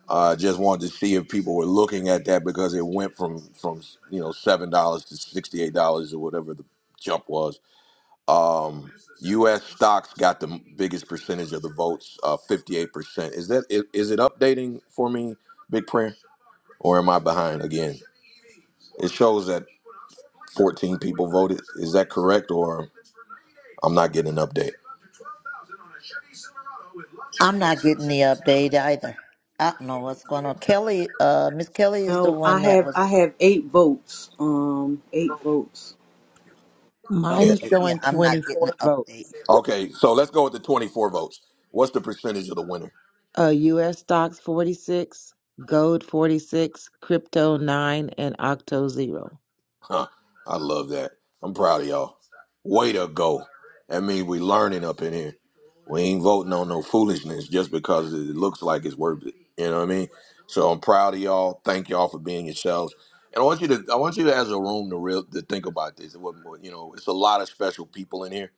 [SPEAKER 1] I uh, just wanted to see if people were looking at that because it went from from you know seven dollars to sixty eight dollars or whatever the jump was. Um, U.S. stocks got the biggest percentage of the votes, uh, 58%. Is that is, is it updating for me, Big Prayer, or am I behind again? It shows that 14 people voted. Is that correct, or I'm not getting an update?
[SPEAKER 2] I'm not getting the update either. I don't know what's going on. Kelly, uh, Miss Kelly is the
[SPEAKER 3] No, I
[SPEAKER 2] one that
[SPEAKER 3] have, I
[SPEAKER 2] was.
[SPEAKER 3] have eight votes. Um, eight votes.
[SPEAKER 13] mine
[SPEAKER 1] Yeah.
[SPEAKER 13] is
[SPEAKER 2] Okay, yeah,
[SPEAKER 13] showing
[SPEAKER 2] I'm not getting an
[SPEAKER 13] 24 vote.
[SPEAKER 2] update.
[SPEAKER 1] Okay, so let's go with the 24 votes. What's the percentage of the winner?
[SPEAKER 13] Uh, U.S. stocks 46, gold 46, crypto 9, and octo 0
[SPEAKER 1] Huh. I love that. I'm proud of y'all. Way to go. That means we learning up in here. We ain't voting on no foolishness just because it looks like it's worth it. You know what I mean? So I'm proud of y'all. Thank y'all for being yourselves. And I want you to, I want you to, as a room, to real, to think about this. It wasn't- You know, it's a lot of special people in here.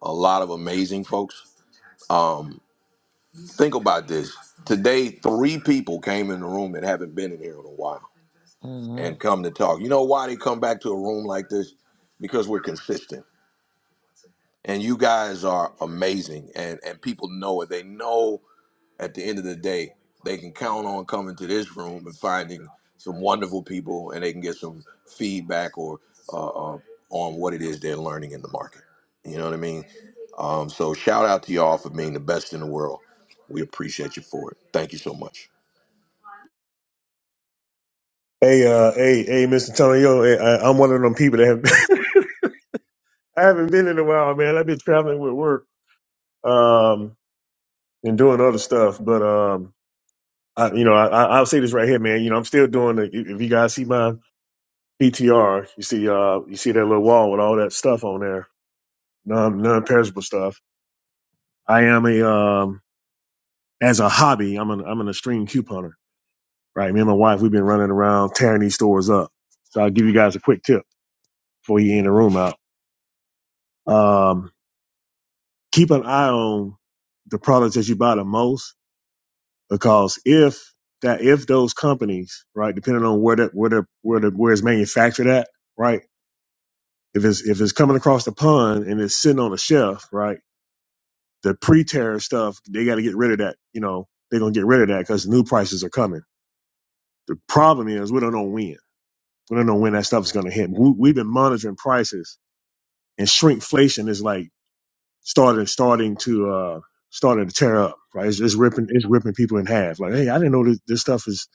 [SPEAKER 1] A lot of amazing folks. Um, think about this. Today, three people came in the room that haven't been in here in a while
[SPEAKER 13] Mm-hmm.
[SPEAKER 1] and come to talk. You know why they come back to a room like this? Because we're consistent. And you guys are amazing and and people know it. They know at the end of the day they can count on coming to this room and finding some wonderful people and they can get some feedback or uh, uh, on what it is they're learning in the market. You know what I mean? Um, so shout out to y'all for being the best in the world. We appreciate you for it. Thank you so much.
[SPEAKER 16] Hey, uh, hey, hey, Mr. Antonio, hey, I, I'm one of them people that have I haven't been in a while, man. I've been traveling with work, um, and doing other stuff. But um, I, you know, I, I- I'll say this right here, man. You know, I'm still doing. The, if you guys see my PTR. You see, uh, you see that little wall with all that stuff on there, non non-perishable stuff. I am a um, as a hobby. I'm an I'm an extreme couponer. Right, me and my wife, we've been running around tearing these stores up. So I'll give you guys a quick tip before you end the room out. Um, keep an eye on the products that you buy the most, because if that if those companies, right, depending on where that where the where the where it's manufactured at, right, if it's if it's coming across the pond and it's sitting on a shelf, right The pre-tariff stuff, they got to get rid of that. You know, they're gonna get rid of that because new prices are coming. The problem is we don't know when. We don't know when that stuff is gonna hit. We, we've been monitoring prices, and shrinkflation is like starting starting to uh starting to tear up. Right, it's, it's ripping it's ripping people in half. Like, hey, I didn't know this, this stuff is.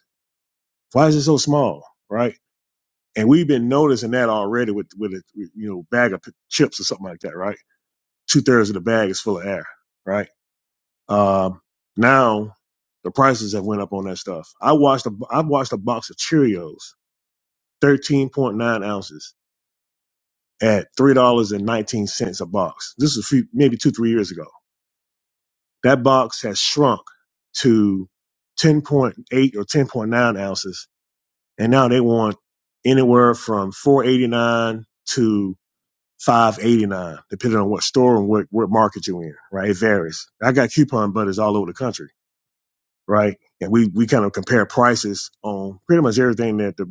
[SPEAKER 16] Why is it so small? Right. And we've been noticing that already with with a you know bag of p- chips or something like that, right? Two thirds of the bag is full of air, right? Uh, now the prices have went up on that stuff. I watched a I watched a box of Cheerios, thirteen point nine ounces at three dollars and nineteen cents a box. This is a few, maybe two three years ago. That box has shrunk to ten point eight or ten point nine ounces, and now they want anywhere from four eighty nine to five eighty nine, depending on what store and what, what market you're in. Right, it varies. I got coupon butters all over the country right? And we, we kind of compare prices on pretty much everything that the,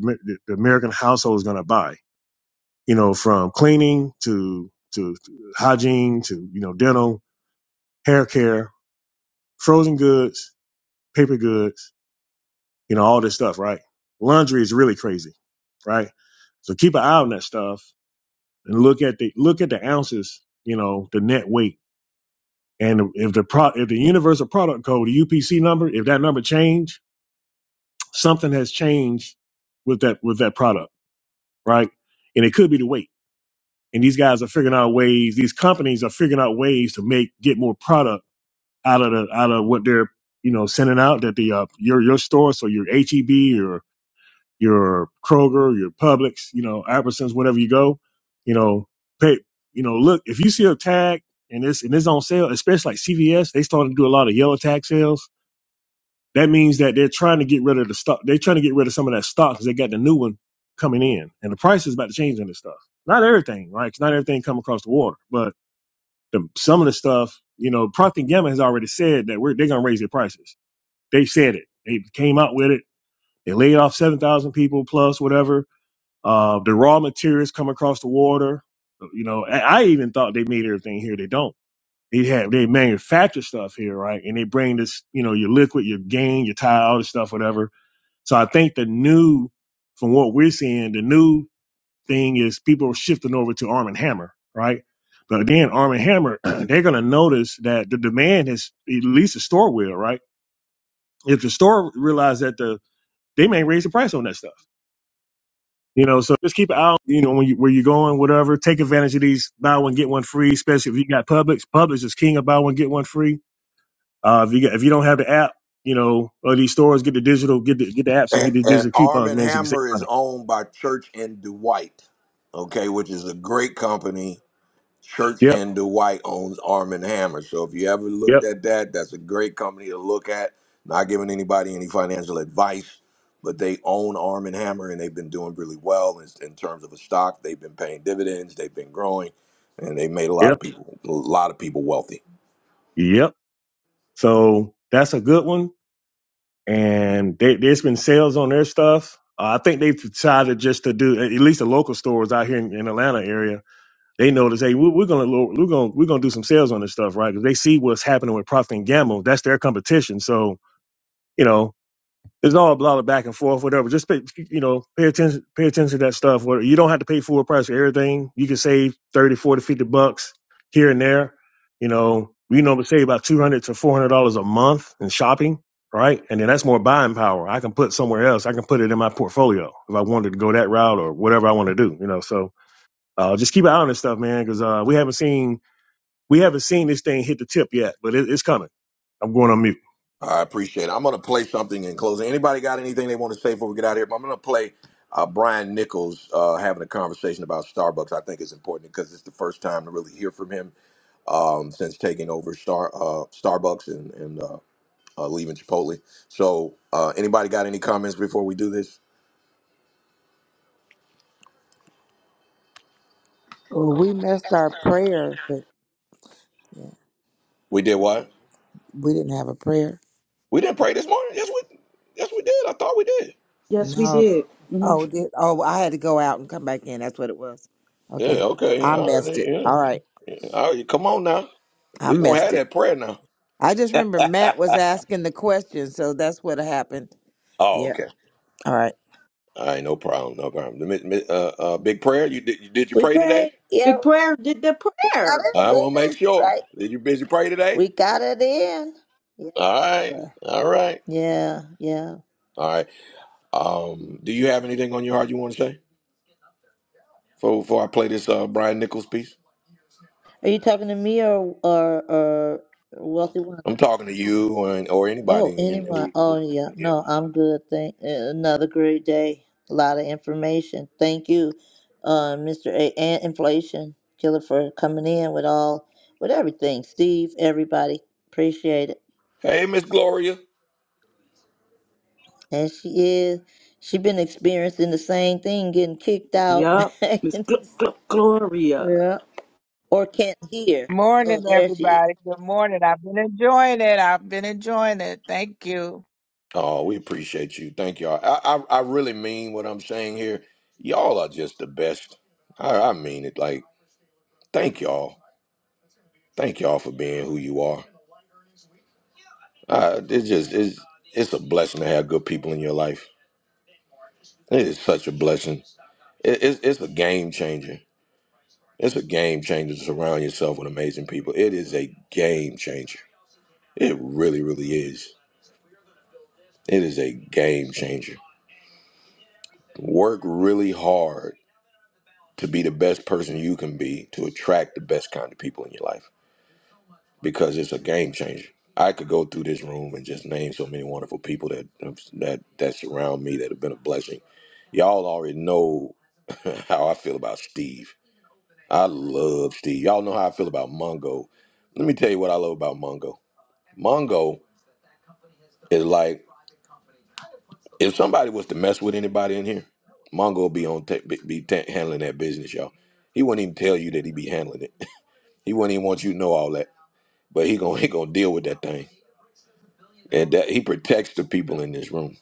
[SPEAKER 16] the American household is going to buy, you know, from cleaning to, to to hygiene to, you know, dental, hair care, frozen goods, paper goods, you know, all this stuff, right? Laundry is really crazy, right? So keep an eye on that stuff and look at the, look at the ounces, you know, the net weight. And if the pro, if the universal product code, the UPC number, if that number change, something has changed with that, with that product right? And it could be the weight. And these guys are figuring out ways. These companies are figuring out ways to make get more product out of the out of what they're you know sending out that the uh, your your store, so your HEB or your your Kroger, your Publix, you know Albertsons, wherever you go, you know pay. You know, look if you see a tag and this and it's on sale, especially like CVS, they started to do a lot of yellow tag sales that means that they're trying to get rid of the stock. They're trying to get rid of some of that stock because they got the new one coming in, and the price is about to change on this stuff. Not everything, right? 'Cause not everything come across the water, but the, some of the stuff, you know, Procter and Gamble has already said that we're, they're going to raise their prices. They said it. They came out with it. They laid off seven thousand people plus whatever. Uh, the raw materials come across the water. Uh, You know, I, I even thought they made everything here. They don't they have they manufacture stuff here, right? And they bring this, you know, your liquid, your gain, your tile, all this stuff, whatever. So I think the new, from what we're seeing, the new thing is people are shifting over to Arm and Hammer, right? But then Arm and Hammer, they're going to notice that the demand is at least the store will, right? If the store realize that the they may raise the price on that stuff, you know. So just keep an eye, out, you know, when you where you're going, whatever. Take advantage of these buy one get one free, especially if you got Publix. Publix is king of buy one get one free. Uh, if you got, if you don't have the app, you know, or these stores get the digital, get the get the apps and
[SPEAKER 1] And,
[SPEAKER 16] get the
[SPEAKER 1] and
[SPEAKER 16] digital
[SPEAKER 1] Arm
[SPEAKER 16] coupons,
[SPEAKER 1] and
[SPEAKER 16] man, so you can save
[SPEAKER 1] Hammer is
[SPEAKER 16] money.
[SPEAKER 1] owned by Church and Dwight, okay, which is a great company. Church
[SPEAKER 16] Yep.
[SPEAKER 1] and Dwight owns Arm and Hammer. So if you ever
[SPEAKER 16] Yep.
[SPEAKER 1] looked at that, that's a great company to look at. Not giving anybody any financial advice, but they own Arm and Hammer and they've been doing really well in, in terms of a stock. They've been paying dividends, they've been growing, and they made a lot
[SPEAKER 16] Yep.
[SPEAKER 1] of people a lot of people wealthy.
[SPEAKER 16] Yep. So that's a good one. And they, there's been sales on their stuff. Uh, I think they've decided just to do at least the local stores out here in, in Atlanta area. They notice, hey, we're, we're gonna lo- we're gonna we're gonna do some sales on this stuff, right? Because they see what's happening with Procter and Gamble. That's their competition. So you know There's all a lot of back and forth, whatever. Just pay, you know, pay attention, pay attention to that stuff. Where you don't have to pay full price for everything. You can save 30, 40, 50 bucks here and there. You know, we normally save about 200 to $400 a month in shopping, right? And then that's more buying power. I can put somewhere else. I can put it in my portfolio if I wanted to go that route or whatever I want to do, you know? So, uh, just keep an eye on this stuff, man. Cause, uh, we haven't seen, we haven't seen this thing hit the tip yet, but it, it's coming. I'm going on mute.
[SPEAKER 1] I appreciate it. I'm going to play something in closing. Anybody got anything they want to say before we get out of here? But I'm going to play uh, Brian Nichols uh, having a conversation about Starbucks. I think it's important because it's the first time to really hear from him um, since taking over Star uh, Starbucks and, and uh, uh, leaving Chipotle. So, uh, anybody got any comments before we do this?
[SPEAKER 13] Well, we messed our prayer, but yeah,
[SPEAKER 1] We did what?
[SPEAKER 13] we didn't have a prayer.
[SPEAKER 1] We didn't pray this morning. Yes, we yes we did. I thought we did.
[SPEAKER 3] Yes, we
[SPEAKER 13] No.
[SPEAKER 3] did. hmm
[SPEAKER 13] Oh, did oh I had to go out and come back in. That's what it was.
[SPEAKER 1] Yeah.
[SPEAKER 13] Okay,
[SPEAKER 1] Okay.
[SPEAKER 13] I
[SPEAKER 1] All
[SPEAKER 13] messed
[SPEAKER 1] right.
[SPEAKER 13] it.
[SPEAKER 1] Yeah.
[SPEAKER 13] All right,
[SPEAKER 1] All right. Come on now.
[SPEAKER 13] I
[SPEAKER 1] We gonna
[SPEAKER 13] messed
[SPEAKER 1] have
[SPEAKER 13] it.
[SPEAKER 1] that prayer now.
[SPEAKER 13] I just remember Matt was asking the question, so that's what happened.
[SPEAKER 1] Oh,
[SPEAKER 13] Yeah.
[SPEAKER 1] okay.
[SPEAKER 13] All right.
[SPEAKER 1] All right, no problem, no problem. The mi- mi- Uh, uh, big prayer. You did? You, did you
[SPEAKER 2] We
[SPEAKER 1] pray today?
[SPEAKER 2] pray. Yeah,
[SPEAKER 3] Big prayer did the
[SPEAKER 2] we got
[SPEAKER 3] prayer.
[SPEAKER 2] it
[SPEAKER 1] I want to make
[SPEAKER 2] in.
[SPEAKER 1] sure.
[SPEAKER 2] Right.
[SPEAKER 1] Did you busy pray today?
[SPEAKER 2] We got it in. Yes,
[SPEAKER 1] All right,
[SPEAKER 2] sir.
[SPEAKER 1] all right,
[SPEAKER 2] Yeah, yeah.
[SPEAKER 1] all right. Um, do you have anything on your heart you want to say before, before I play this uh, Brian Nichols piece?
[SPEAKER 2] Are you talking to me or or or wealthy?
[SPEAKER 1] I'm talking to you or or
[SPEAKER 2] Oh,
[SPEAKER 1] anybody in,
[SPEAKER 2] anyone?
[SPEAKER 1] who. who
[SPEAKER 2] Oh, yeah.
[SPEAKER 1] yeah.
[SPEAKER 2] No, I'm good. Thank uh, another great day. A lot of information. Thank you, uh, Mr. A and Inflation Killer for coming in with all with everything. Steve, everybody, appreciate it.
[SPEAKER 1] Hey, Miss Gloria.
[SPEAKER 2] And she is. She been experiencing the same thing, getting kicked out
[SPEAKER 3] Yup,
[SPEAKER 2] back
[SPEAKER 3] Miss
[SPEAKER 2] in
[SPEAKER 3] Gl-
[SPEAKER 2] the,
[SPEAKER 3] Gl- Gloria.
[SPEAKER 2] yeah, or can't hear.
[SPEAKER 10] Morning,
[SPEAKER 2] Oh, there she is.
[SPEAKER 10] everybody. Good morning. I've been enjoying it. I've been enjoying it. Thank you.
[SPEAKER 1] Oh, we appreciate you. Thank y'all. I, I I really mean what I'm saying here. Y'all are just the best. I, I mean it. Like, thank y'all. Thank y'all for being who you are. Uh, it's just it's it's a blessing to have good people in your life. It is such a blessing. It, it's it's a game changer. It's a game changer to surround yourself with amazing people. It is a game changer. It really, really is. It is a game changer. Work really hard to be the best person you can be to attract the best kind of people in your life. because it's a game changer. I could go through this room and just name so many wonderful people that that that surround me that have been a blessing. Y'all already know how I feel about Steve. I love Steve. Y'all know how I feel about Mongo. Let me tell you what I love about Mongo. Mongo is like if somebody was to mess with anybody in here, Mongo would be on ta- be be ta- handling that business, y'all. He wouldn't even tell you that he be handling it. he wouldn't even want you to know all that, but he gonna he gonna deal with that thing. And that he protects the people in this room.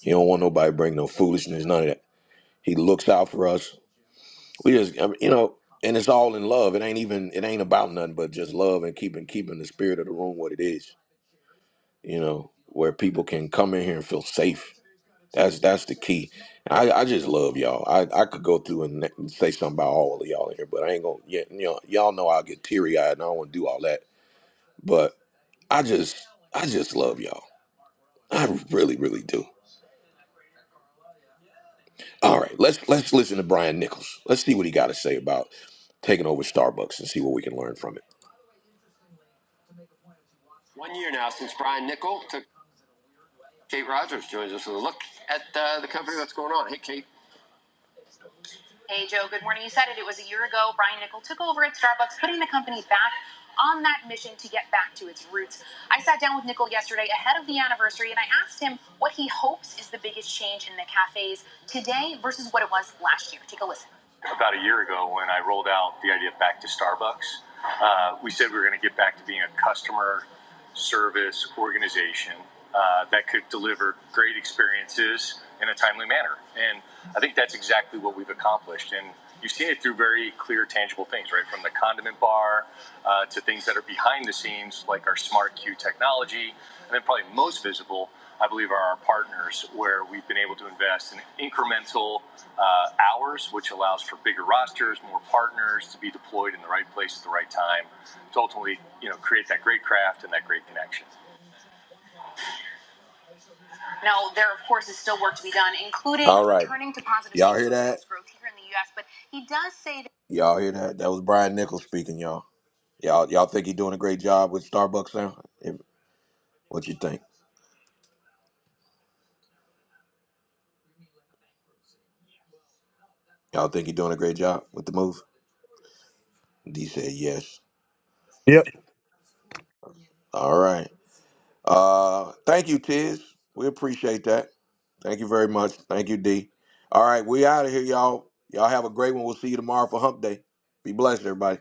[SPEAKER 1] He don't want nobody to bring no foolishness, none of that. He looks out for us. We just, I mean, you know, and it's all in love. It ain't even, it ain't about nothing but just love and keeping keeping the spirit of the room what it is. You know, where people can come in here and feel safe. That's that's the key. I, I just love y'all. I, I could go through and ne- say something about all of y'all in here, but I ain't gonna. Yeah, you know, y'all know I'll get teary eyed and I don't want to do all that. But I just, I just love y'all. I really, really do. All right, let's let's listen to Brian Nichols. Let's see what he got to say about taking over Starbucks and see what we can learn from it. One year now since Brian Nichols took Kate Rogers joins us with a look at uh, the company that's going on. Hey, Kate. About a year ago, when I rolled out the idea of back to Starbucks, uh, we said we were going to get back to being a customer service organization uh, that could deliver great experiences in a timely manner. And I think that's exactly what we've accomplished. And you've seen it through very clear, tangible things, right? From the condiment bar uh, to things that are behind the scenes, like our smart queue technology. And then, probably most visible, I believe, are our partners, where we've been able to invest in incremental uh, hours, which allows for bigger rosters, more partners to be deployed in the right place at the right time to ultimately, you know, create that great craft and that great connection. All right. Y'all hear that? Y'all hear that? That was Brian Nichols speaking, y'all. Y'all y'all think he's doing a great job with Starbucks now? If- What you think? Y'all think he's doing a great job with the move? D said yes.
[SPEAKER 16] Yeah,
[SPEAKER 1] All right. Uh thank you, Tiz. We appreciate that. Thank you very much. Thank you, D. All right, we out of here, y'all. Y'all have a great one. We'll see you tomorrow for hump day. Be blessed, everybody.